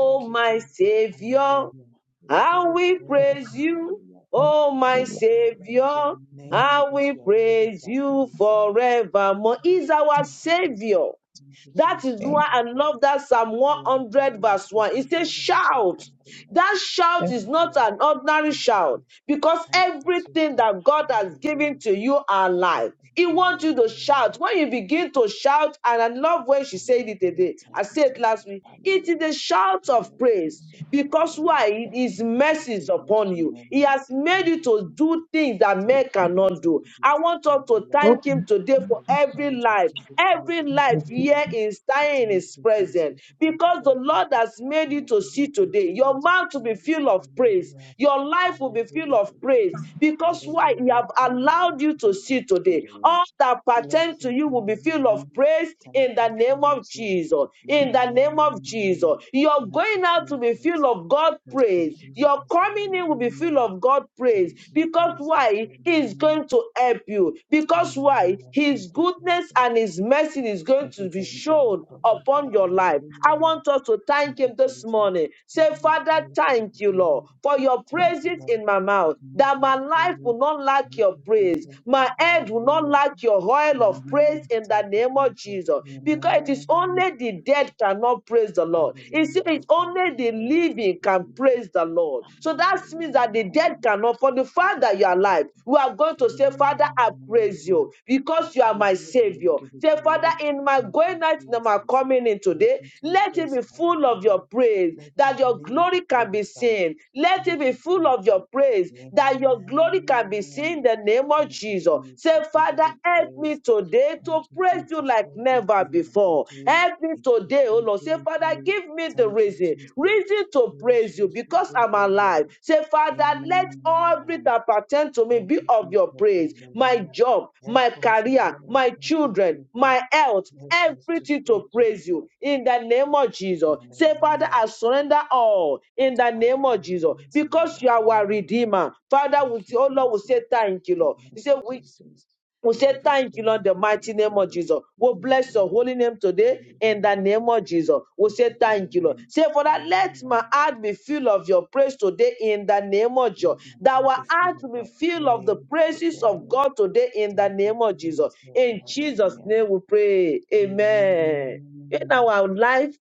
Speaker 3: Thank you,
Speaker 1: my
Speaker 3: Jesus.
Speaker 1: Savior.
Speaker 3: Hallelujah. We give
Speaker 1: I
Speaker 3: you
Speaker 1: will
Speaker 3: praise.
Speaker 1: praise you,
Speaker 3: Hallelujah.
Speaker 4: and
Speaker 1: oh my
Speaker 4: believe
Speaker 3: We bless your
Speaker 1: Savior.
Speaker 4: your
Speaker 3: name
Speaker 1: I
Speaker 3: because
Speaker 1: will
Speaker 3: you are Lord of
Speaker 1: praise
Speaker 3: that
Speaker 1: you
Speaker 3: Savior.
Speaker 1: forevermore. He's our
Speaker 3: Thank you, Jesus.
Speaker 1: Savior.
Speaker 3: Thank you,
Speaker 1: That is
Speaker 3: Jesus.
Speaker 4: faith.
Speaker 1: why I
Speaker 3: Thank you.
Speaker 1: love that Psalm
Speaker 3: You are the
Speaker 1: 100
Speaker 3: covenant
Speaker 1: verse 1.
Speaker 3: keeping
Speaker 1: It says,
Speaker 3: God and we say
Speaker 1: shout.
Speaker 3: thank you, Lord.
Speaker 1: That shout
Speaker 4: Just
Speaker 3: Thank
Speaker 1: is not
Speaker 3: you.
Speaker 1: an ordinary
Speaker 3: Thank you,
Speaker 1: shout
Speaker 3: Jesus.
Speaker 1: because
Speaker 3: Thank you,
Speaker 1: everything
Speaker 3: Jesus.
Speaker 1: that God has given
Speaker 3: Hallelujah.
Speaker 1: to you are alive.
Speaker 3: Blessed
Speaker 1: He
Speaker 3: be your
Speaker 1: wants you to
Speaker 3: name.
Speaker 1: shout. When you begin to shout, and I love when she said it
Speaker 3: Hallelujah.
Speaker 1: today,
Speaker 3: Thank
Speaker 1: I
Speaker 3: you,
Speaker 1: said it last
Speaker 3: Jesus.
Speaker 1: week, it
Speaker 3: Hallelujah.
Speaker 1: is a shout
Speaker 3: God
Speaker 1: of
Speaker 3: of the
Speaker 1: praise
Speaker 3: ancient
Speaker 1: because
Speaker 3: Jordan.
Speaker 1: why? It is
Speaker 3: Thank you for the
Speaker 1: mercies
Speaker 3: privilege
Speaker 1: upon
Speaker 3: to
Speaker 1: you.
Speaker 3: know
Speaker 1: He
Speaker 3: you.
Speaker 1: has made you
Speaker 3: Thank you,
Speaker 1: to do
Speaker 3: Jesus.
Speaker 1: things that
Speaker 3: Thank
Speaker 1: men
Speaker 3: you, Lord.
Speaker 1: cannot
Speaker 3: Thank
Speaker 1: do.
Speaker 3: you,
Speaker 1: I
Speaker 3: blessed.
Speaker 1: want us
Speaker 3: Thank you,
Speaker 1: to
Speaker 3: Lord.
Speaker 1: thank Him
Speaker 4: Open.
Speaker 1: today for
Speaker 3: Lord, we
Speaker 1: every
Speaker 3: shout, we
Speaker 1: life,
Speaker 3: give you praise,
Speaker 1: every
Speaker 3: we give you
Speaker 1: life
Speaker 3: glory.
Speaker 1: here like he's
Speaker 3: We
Speaker 1: dying in
Speaker 3: thank
Speaker 1: his
Speaker 3: you,
Speaker 1: presence.
Speaker 3: Jesus. We thank you
Speaker 1: Because
Speaker 3: for
Speaker 1: the
Speaker 3: the prayer.
Speaker 1: Lord has made
Speaker 3: In
Speaker 1: you
Speaker 3: your
Speaker 1: to see
Speaker 3: goodness and
Speaker 1: today, your
Speaker 3: fullness of
Speaker 1: mouth will be
Speaker 3: joy.
Speaker 1: filled of praise.
Speaker 3: Hallelujah.
Speaker 1: Your life will be filled
Speaker 3: Hallelujah.
Speaker 1: of
Speaker 3: We
Speaker 1: praise.
Speaker 3: praise.
Speaker 1: Because why?
Speaker 3: Hallelujah.
Speaker 1: He
Speaker 3: We
Speaker 1: have
Speaker 3: cry you out
Speaker 1: allowed you to
Speaker 3: for
Speaker 1: see
Speaker 3: gratitude,
Speaker 1: today.
Speaker 3: O
Speaker 1: All
Speaker 3: Lord.
Speaker 1: that pertain to
Speaker 3: Blessed
Speaker 1: you
Speaker 3: be
Speaker 1: will be
Speaker 3: your
Speaker 1: filled of
Speaker 3: name.
Speaker 1: praise
Speaker 3: Thank
Speaker 1: in the
Speaker 3: you,
Speaker 1: name of
Speaker 3: Jesus.
Speaker 1: Jesus. In
Speaker 3: Amen.
Speaker 1: the name of Jesus.
Speaker 3: Amen.
Speaker 1: Your
Speaker 3: Thank you,
Speaker 1: going out will be filled
Speaker 3: Jesus.
Speaker 1: of God
Speaker 3: Thank you,
Speaker 1: praise. Your
Speaker 3: Jesus.
Speaker 1: coming in will be
Speaker 3: Hallelujah.
Speaker 1: filled of God praise.
Speaker 3: Thank you,
Speaker 1: Because
Speaker 3: Jesus.
Speaker 1: why? He's
Speaker 3: Amen.
Speaker 1: going to to help you. Because why?
Speaker 3: Amen. Thank
Speaker 1: His
Speaker 3: you,
Speaker 1: goodness
Speaker 3: Jesus.
Speaker 1: and his mercy is going
Speaker 3: What
Speaker 1: to
Speaker 3: is is
Speaker 1: be
Speaker 3: our door
Speaker 1: shown
Speaker 3: for
Speaker 1: upon your life. I
Speaker 3: Hallelujah.
Speaker 1: want us to
Speaker 3: Thank
Speaker 1: thank
Speaker 3: you,
Speaker 1: him this
Speaker 3: Jesus.
Speaker 1: morning.
Speaker 3: We
Speaker 1: Say,
Speaker 3: give you
Speaker 1: Father,
Speaker 3: praise for the
Speaker 1: thank you, Lord,
Speaker 3: glory.
Speaker 1: for
Speaker 3: We
Speaker 1: your
Speaker 3: thank you,
Speaker 1: praises
Speaker 3: Lord.
Speaker 1: in my
Speaker 3: We
Speaker 1: mouth,
Speaker 3: thank you
Speaker 1: that
Speaker 3: for
Speaker 1: my
Speaker 3: your
Speaker 1: life
Speaker 3: favor.
Speaker 1: will not lack
Speaker 3: Thank
Speaker 1: your
Speaker 3: you,
Speaker 1: praise.
Speaker 3: Jesus.
Speaker 1: My head will not
Speaker 3: Hallelujah.
Speaker 1: lack your oil of praise
Speaker 3: Amen.
Speaker 1: in the
Speaker 3: Thank
Speaker 1: name
Speaker 3: you,
Speaker 1: of
Speaker 3: Jesus.
Speaker 1: Jesus. Because it is
Speaker 3: Amen.
Speaker 1: only the dead cannot praise the Lord. It's,
Speaker 3: Hallelujah. We
Speaker 1: it's
Speaker 3: thank you,
Speaker 1: only the
Speaker 3: Lord. Thank
Speaker 1: living
Speaker 3: you,
Speaker 1: can
Speaker 3: Jesus.
Speaker 1: praise Praise the Lord. So that means that the dead
Speaker 3: Hallelujah.
Speaker 1: cannot. For the
Speaker 3: Thank
Speaker 1: fact
Speaker 3: you,
Speaker 1: that you are
Speaker 3: Jesus.
Speaker 1: alive, we are going to
Speaker 3: Give
Speaker 1: say,
Speaker 3: you
Speaker 1: Father,
Speaker 3: honor
Speaker 1: I
Speaker 3: and
Speaker 1: praise
Speaker 3: honor.
Speaker 1: you
Speaker 3: I
Speaker 1: because you are
Speaker 3: praise
Speaker 1: my
Speaker 3: you and I
Speaker 1: Savior.
Speaker 3: give you
Speaker 1: Say, Father,
Speaker 3: glory.
Speaker 1: in my
Speaker 3: Thank you,
Speaker 1: going out and my
Speaker 3: Jesus.
Speaker 1: coming in
Speaker 3: Thank
Speaker 1: today,
Speaker 3: you,
Speaker 1: let it
Speaker 3: Jesus.
Speaker 1: be full of your
Speaker 3: Hallelujah.
Speaker 1: praise
Speaker 3: Let your
Speaker 1: that your
Speaker 3: name be
Speaker 1: glory can be
Speaker 3: glorified.
Speaker 1: seen. Let it
Speaker 3: Thank
Speaker 1: be
Speaker 3: you,
Speaker 1: full of your
Speaker 3: Jesus.
Speaker 1: praise that your glory can be seen
Speaker 3: Amen.
Speaker 1: in the name of
Speaker 3: Thank you,
Speaker 1: Jesus.
Speaker 3: Jesus.
Speaker 1: Say,
Speaker 3: We give
Speaker 1: Father,
Speaker 3: you
Speaker 1: help me
Speaker 3: praise.
Speaker 1: today
Speaker 3: Thank
Speaker 1: to
Speaker 3: you,
Speaker 1: praise you
Speaker 3: Jesus.
Speaker 1: like never
Speaker 3: Everything that we
Speaker 1: before.
Speaker 3: do,
Speaker 1: Help me
Speaker 3: it to
Speaker 1: today, oh
Speaker 3: you,
Speaker 1: Lord. Say,
Speaker 3: praise
Speaker 1: Father,
Speaker 3: you.
Speaker 1: give me the
Speaker 3: Thank you,
Speaker 1: reason,
Speaker 3: Jesus.
Speaker 1: reason to
Speaker 3: Praise
Speaker 1: praise you
Speaker 3: must be
Speaker 1: because
Speaker 3: with
Speaker 1: I'm
Speaker 3: all
Speaker 1: alive.
Speaker 3: Lord.
Speaker 1: Say, Father, let all
Speaker 3: Amen.
Speaker 1: that pertain to me
Speaker 3: Thank
Speaker 1: be
Speaker 3: you,
Speaker 1: of your
Speaker 3: Jesus.
Speaker 1: praise. My
Speaker 3: Hallelujah.
Speaker 1: job, my
Speaker 3: Help us, O
Speaker 1: career,
Speaker 3: Lord.
Speaker 1: my
Speaker 3: Thank you,
Speaker 1: children,
Speaker 3: Jesus.
Speaker 1: my health,
Speaker 3: Help us to
Speaker 1: everything
Speaker 3: pray
Speaker 1: to
Speaker 3: to the
Speaker 1: praise you
Speaker 3: Lord.
Speaker 1: in the name of Jesus. Say, Father,
Speaker 3: Hallelujah.
Speaker 1: I surrender all in the name of
Speaker 3: Hallelujah.
Speaker 1: Jesus
Speaker 3: We
Speaker 1: because
Speaker 3: Surrender
Speaker 1: you are our
Speaker 3: all, Lord.
Speaker 1: Redeemer. Father, we
Speaker 3: Thank
Speaker 1: say,
Speaker 3: you,
Speaker 1: oh Lord, we
Speaker 3: Jesus.
Speaker 1: say thank you,
Speaker 3: We
Speaker 1: Lord.
Speaker 3: thank
Speaker 1: You say,
Speaker 3: you,
Speaker 1: we
Speaker 3: Jesus.
Speaker 1: we
Speaker 3: We
Speaker 1: say
Speaker 3: give you
Speaker 1: thank you,
Speaker 3: praise.
Speaker 1: Lord, in the
Speaker 3: We give you
Speaker 1: mighty name of
Speaker 3: glory.
Speaker 1: Jesus.
Speaker 3: We
Speaker 1: We
Speaker 3: give you
Speaker 1: bless your
Speaker 3: glory.
Speaker 1: holy name today in the
Speaker 3: Hallelujah.
Speaker 1: name
Speaker 3: Bless
Speaker 1: of
Speaker 3: you.
Speaker 1: Jesus. We say
Speaker 3: Blessed be your
Speaker 1: thank you, Lord.
Speaker 3: name.
Speaker 1: Say, for that, let my
Speaker 3: Amen.
Speaker 1: heart be filled of your praise today in the name of
Speaker 3: Let
Speaker 1: Jesus.
Speaker 3: my
Speaker 1: That
Speaker 3: heart
Speaker 1: our
Speaker 3: be full
Speaker 1: heart
Speaker 3: of
Speaker 1: will be
Speaker 3: your
Speaker 1: filled of the
Speaker 3: praise
Speaker 1: praises of
Speaker 3: today.
Speaker 1: God today in the
Speaker 3: Thank you,
Speaker 1: name of Jesus.
Speaker 3: Jesus.
Speaker 1: In Jesus'
Speaker 3: Hallelujah.
Speaker 1: name we pray.
Speaker 3: Amen.
Speaker 1: Amen. In our life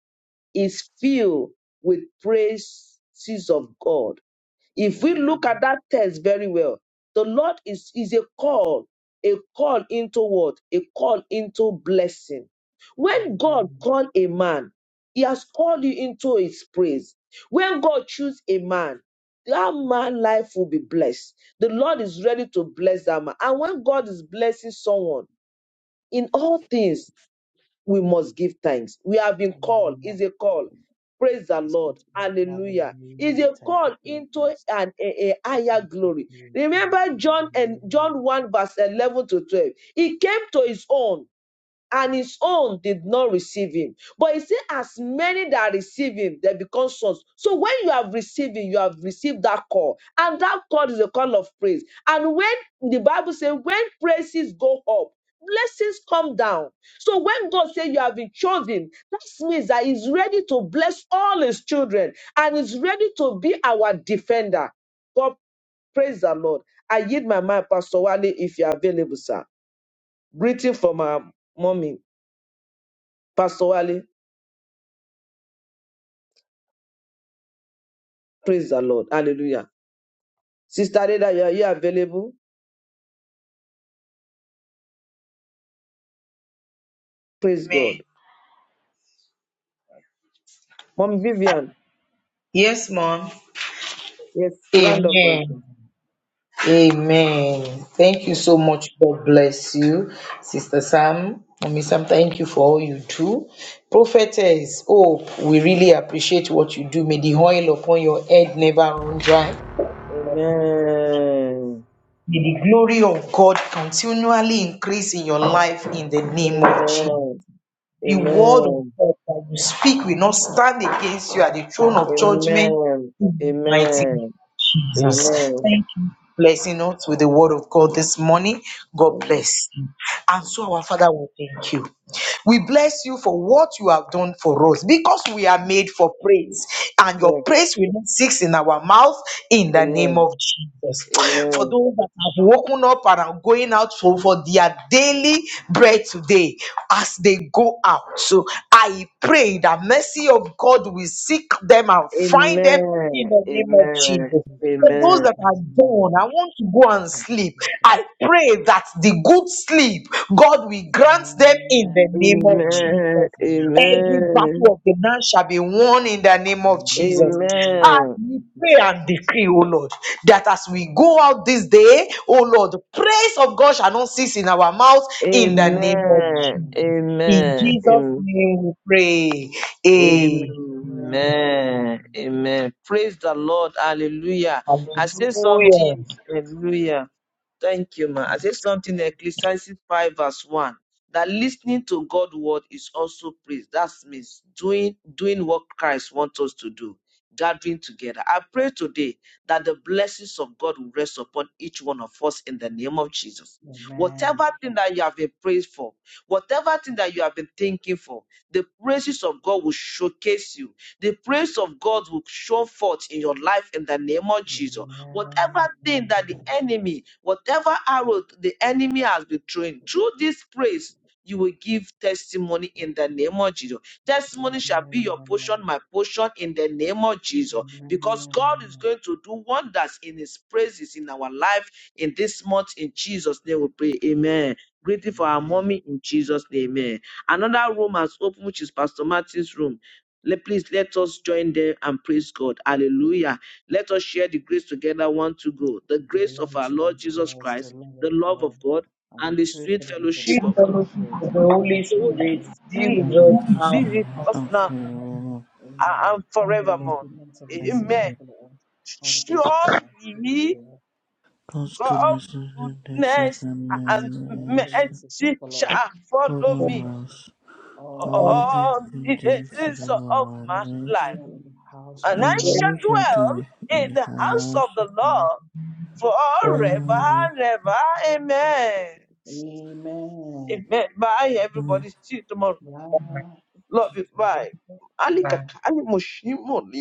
Speaker 1: is filled with praises of God if we
Speaker 3: Amen.
Speaker 1: look at that text very well, the Lord is, is a call, a call into what? A call into blessing. When God
Speaker 3: Hallelujah.
Speaker 1: called a man, he has called you into his praise. When God choose a man, that man's life will be blessed. The Lord is ready to bless that man. And when God is blessing someone in all things, we must give thanks. We have been called.
Speaker 3: Hallelujah.
Speaker 1: It's a call. Praise the
Speaker 3: Just give
Speaker 1: Lord.
Speaker 3: him
Speaker 1: Hallelujah.
Speaker 3: hallelujah
Speaker 1: It's a
Speaker 3: thank
Speaker 1: call
Speaker 3: you,
Speaker 1: into
Speaker 3: Jesus.
Speaker 1: an, a, a higher
Speaker 3: Thank
Speaker 1: glory.
Speaker 3: you, Jesus.
Speaker 1: Remember John and
Speaker 3: Hallelujah.
Speaker 1: John 1, verse 11 to 12. He came to his own and his own did not receive him. But he said, as many that receive him, they become sons. So when you have received him, you have received that call. And that call is a call of praise. And when the Bible says, when praises go up, blessings come down. So when God says you have been chosen, that means that he's ready to bless all his children and is ready to be our defender. God, praise the Lord. I yield my mind, Pastor Wale, if you're available, sir. Greeting from our mommy. Pastor Wale, praise the Lord. Hallelujah. Sister Reda, you are you available? Praise
Speaker 4: Amen.
Speaker 1: God. Mom Vivian,
Speaker 4: Yes, Mom.
Speaker 1: yes, grand of
Speaker 4: Amen. Amen. Thank you so much. God bless you, Sister Sam. Mommy Sam, thank you for all you do. Prophetess, oh, we really appreciate what you do. May the oil upon your head never run dry.
Speaker 1: Amen.
Speaker 4: May the glory of God continually increase in your life in the name of Jesus.
Speaker 1: Amen.
Speaker 4: The word of
Speaker 1: Amen.
Speaker 4: God that you speak will not stand against you at the throne of judgment
Speaker 1: Amen.
Speaker 4: in the mighty name
Speaker 1: Amen.
Speaker 4: of Jesus.
Speaker 1: Amen.
Speaker 4: Thank you. for Blessing us with the word of God this morning. God
Speaker 1: Amen.
Speaker 4: bless you. And so, our Father, we thank you. We bless you for what you have done for us because we are made for praise, and your
Speaker 1: Yes,
Speaker 4: praise will not cease in our mouth in the name
Speaker 1: Amen.
Speaker 4: of Jesus. For
Speaker 1: Amen.
Speaker 4: those that have woken up and are going out for, for their daily bread today as they go out. So I pray the mercy of God will seek them and find them in
Speaker 1: Amen.
Speaker 4: the name of
Speaker 1: Amen.
Speaker 4: Jesus.
Speaker 3: Thank you,
Speaker 4: For those
Speaker 3: Jesus.
Speaker 1: Amen.
Speaker 4: that are gone,
Speaker 3: Hallelujah.
Speaker 4: I want to go and
Speaker 3: Thank you,
Speaker 4: sleep.
Speaker 3: Jesus.
Speaker 4: I pray that the good sleep God will grant them
Speaker 3: Amen.
Speaker 4: in the name of
Speaker 3: Amen.
Speaker 1: Amen.
Speaker 4: Jesus. Every
Speaker 1: Amen.
Speaker 4: battle of the man shall be won in the name of Jesus. As
Speaker 1: Amen.
Speaker 3: Amen. Thank
Speaker 4: we
Speaker 3: you,
Speaker 4: pray and
Speaker 3: Jesus.
Speaker 4: decree, O Lord, that as we go out this day, O Lord, the praise of God shall not cease in our mouth in the name of
Speaker 1: Amen.
Speaker 3: Amen.
Speaker 4: Jesus. In
Speaker 1: Amen.
Speaker 4: Jesus'
Speaker 1: Amen.
Speaker 4: name we pray.
Speaker 3: Amen.
Speaker 4: Amen.
Speaker 1: Amen. Amen. Praise the Lord. Hallelujah. I say
Speaker 4: Hallelujah.
Speaker 1: something. Hallelujah. Thank you, ma. I said something in Ecclesiastes 5, verse 1. That listening to God's word is also praise. That means doing doing what Christ wants us to do, gathering together. I pray today that the blessings of God will rest upon each one of us in the name of Jesus. Whatever thing that you have been praised for, whatever thing that you have been thinking for, the praises of God will showcase you. The praise of God will show forth in your life in the name of Jesus.
Speaker 3: Amen.
Speaker 1: Whatever thing that the
Speaker 3: Amen.
Speaker 1: enemy, whatever arrow the enemy has been throwing, through this praise, you will give testimony in the name of Jesus.
Speaker 3: Amen.
Speaker 1: Testimony shall be your portion, my portion in the name of Jesus. Because God is
Speaker 3: Amen.
Speaker 1: going to do wonders in his praises in our life in this month. In Jesus' name we pray. Amen. Greeting for our
Speaker 3: Amen.
Speaker 1: mommy in Jesus' name. Amen. Another room has opened, which is Pastor Martin's room. Le- Please let us join them and praise God. Hallelujah. Let us share the grace together, one to go. The
Speaker 3: It's the
Speaker 1: grace
Speaker 3: Lord
Speaker 1: of our Lord
Speaker 3: Jesus
Speaker 1: Jesus
Speaker 3: Christ, the
Speaker 1: Christ,
Speaker 3: love
Speaker 1: the
Speaker 3: of
Speaker 1: love
Speaker 3: God,
Speaker 1: of God,
Speaker 3: and
Speaker 1: and
Speaker 3: the
Speaker 1: the
Speaker 3: true
Speaker 1: sweet
Speaker 3: fellowship of the
Speaker 4: Sweet
Speaker 1: fellowship of
Speaker 3: Holy
Speaker 1: the
Speaker 4: fellowship
Speaker 3: Spirit,
Speaker 4: of the Holy
Speaker 1: Holy
Speaker 3: be with
Speaker 4: Spirit
Speaker 3: us
Speaker 4: be
Speaker 1: Spirit
Speaker 4: with
Speaker 3: now
Speaker 4: us
Speaker 5: because
Speaker 1: be
Speaker 4: now
Speaker 1: with
Speaker 5: now
Speaker 1: us
Speaker 5: and
Speaker 3: and
Speaker 1: now
Speaker 3: forevermore.
Speaker 5: forever.
Speaker 1: and
Speaker 3: Amen. Surely
Speaker 1: forevermore.
Speaker 3: goodness and mercy shall
Speaker 1: Amen.
Speaker 5: Amen.
Speaker 3: follow us all the days of our life. We
Speaker 1: Surely
Speaker 3: will dwell.
Speaker 5: God's
Speaker 1: God's
Speaker 5: goodness and goodness
Speaker 1: goodness
Speaker 3: Goodness and mercy
Speaker 1: and
Speaker 3: shall
Speaker 5: and
Speaker 3: mercy and
Speaker 5: mercy
Speaker 3: mercy shall
Speaker 1: mercy shall
Speaker 3: follow us
Speaker 1: follow
Speaker 3: follow
Speaker 1: me
Speaker 5: follow
Speaker 3: us
Speaker 5: us
Speaker 3: all the
Speaker 5: all
Speaker 3: days
Speaker 5: the
Speaker 3: of
Speaker 1: all
Speaker 5: good
Speaker 1: the
Speaker 3: our life.
Speaker 5: days
Speaker 1: days
Speaker 5: of
Speaker 1: of
Speaker 5: our
Speaker 3: And
Speaker 1: my
Speaker 3: we shall
Speaker 5: lives,
Speaker 1: life,
Speaker 3: dwell in the house of
Speaker 1: and I
Speaker 3: the
Speaker 5: and
Speaker 3: Lord.
Speaker 1: shall
Speaker 5: we shall
Speaker 3: forever.
Speaker 5: dwell
Speaker 1: dwell
Speaker 5: in
Speaker 1: in
Speaker 5: the
Speaker 1: the house of
Speaker 5: house of
Speaker 1: the
Speaker 5: God.
Speaker 1: Lord forever and ever. Amen.
Speaker 3: Amen.
Speaker 1: Amen. Bye.
Speaker 5: forever.
Speaker 1: Everybody. See you tomorrow.
Speaker 3: Bye.
Speaker 1: Love you. Bye. Ali
Speaker 4: forever.
Speaker 1: kaka, ali Moshimo,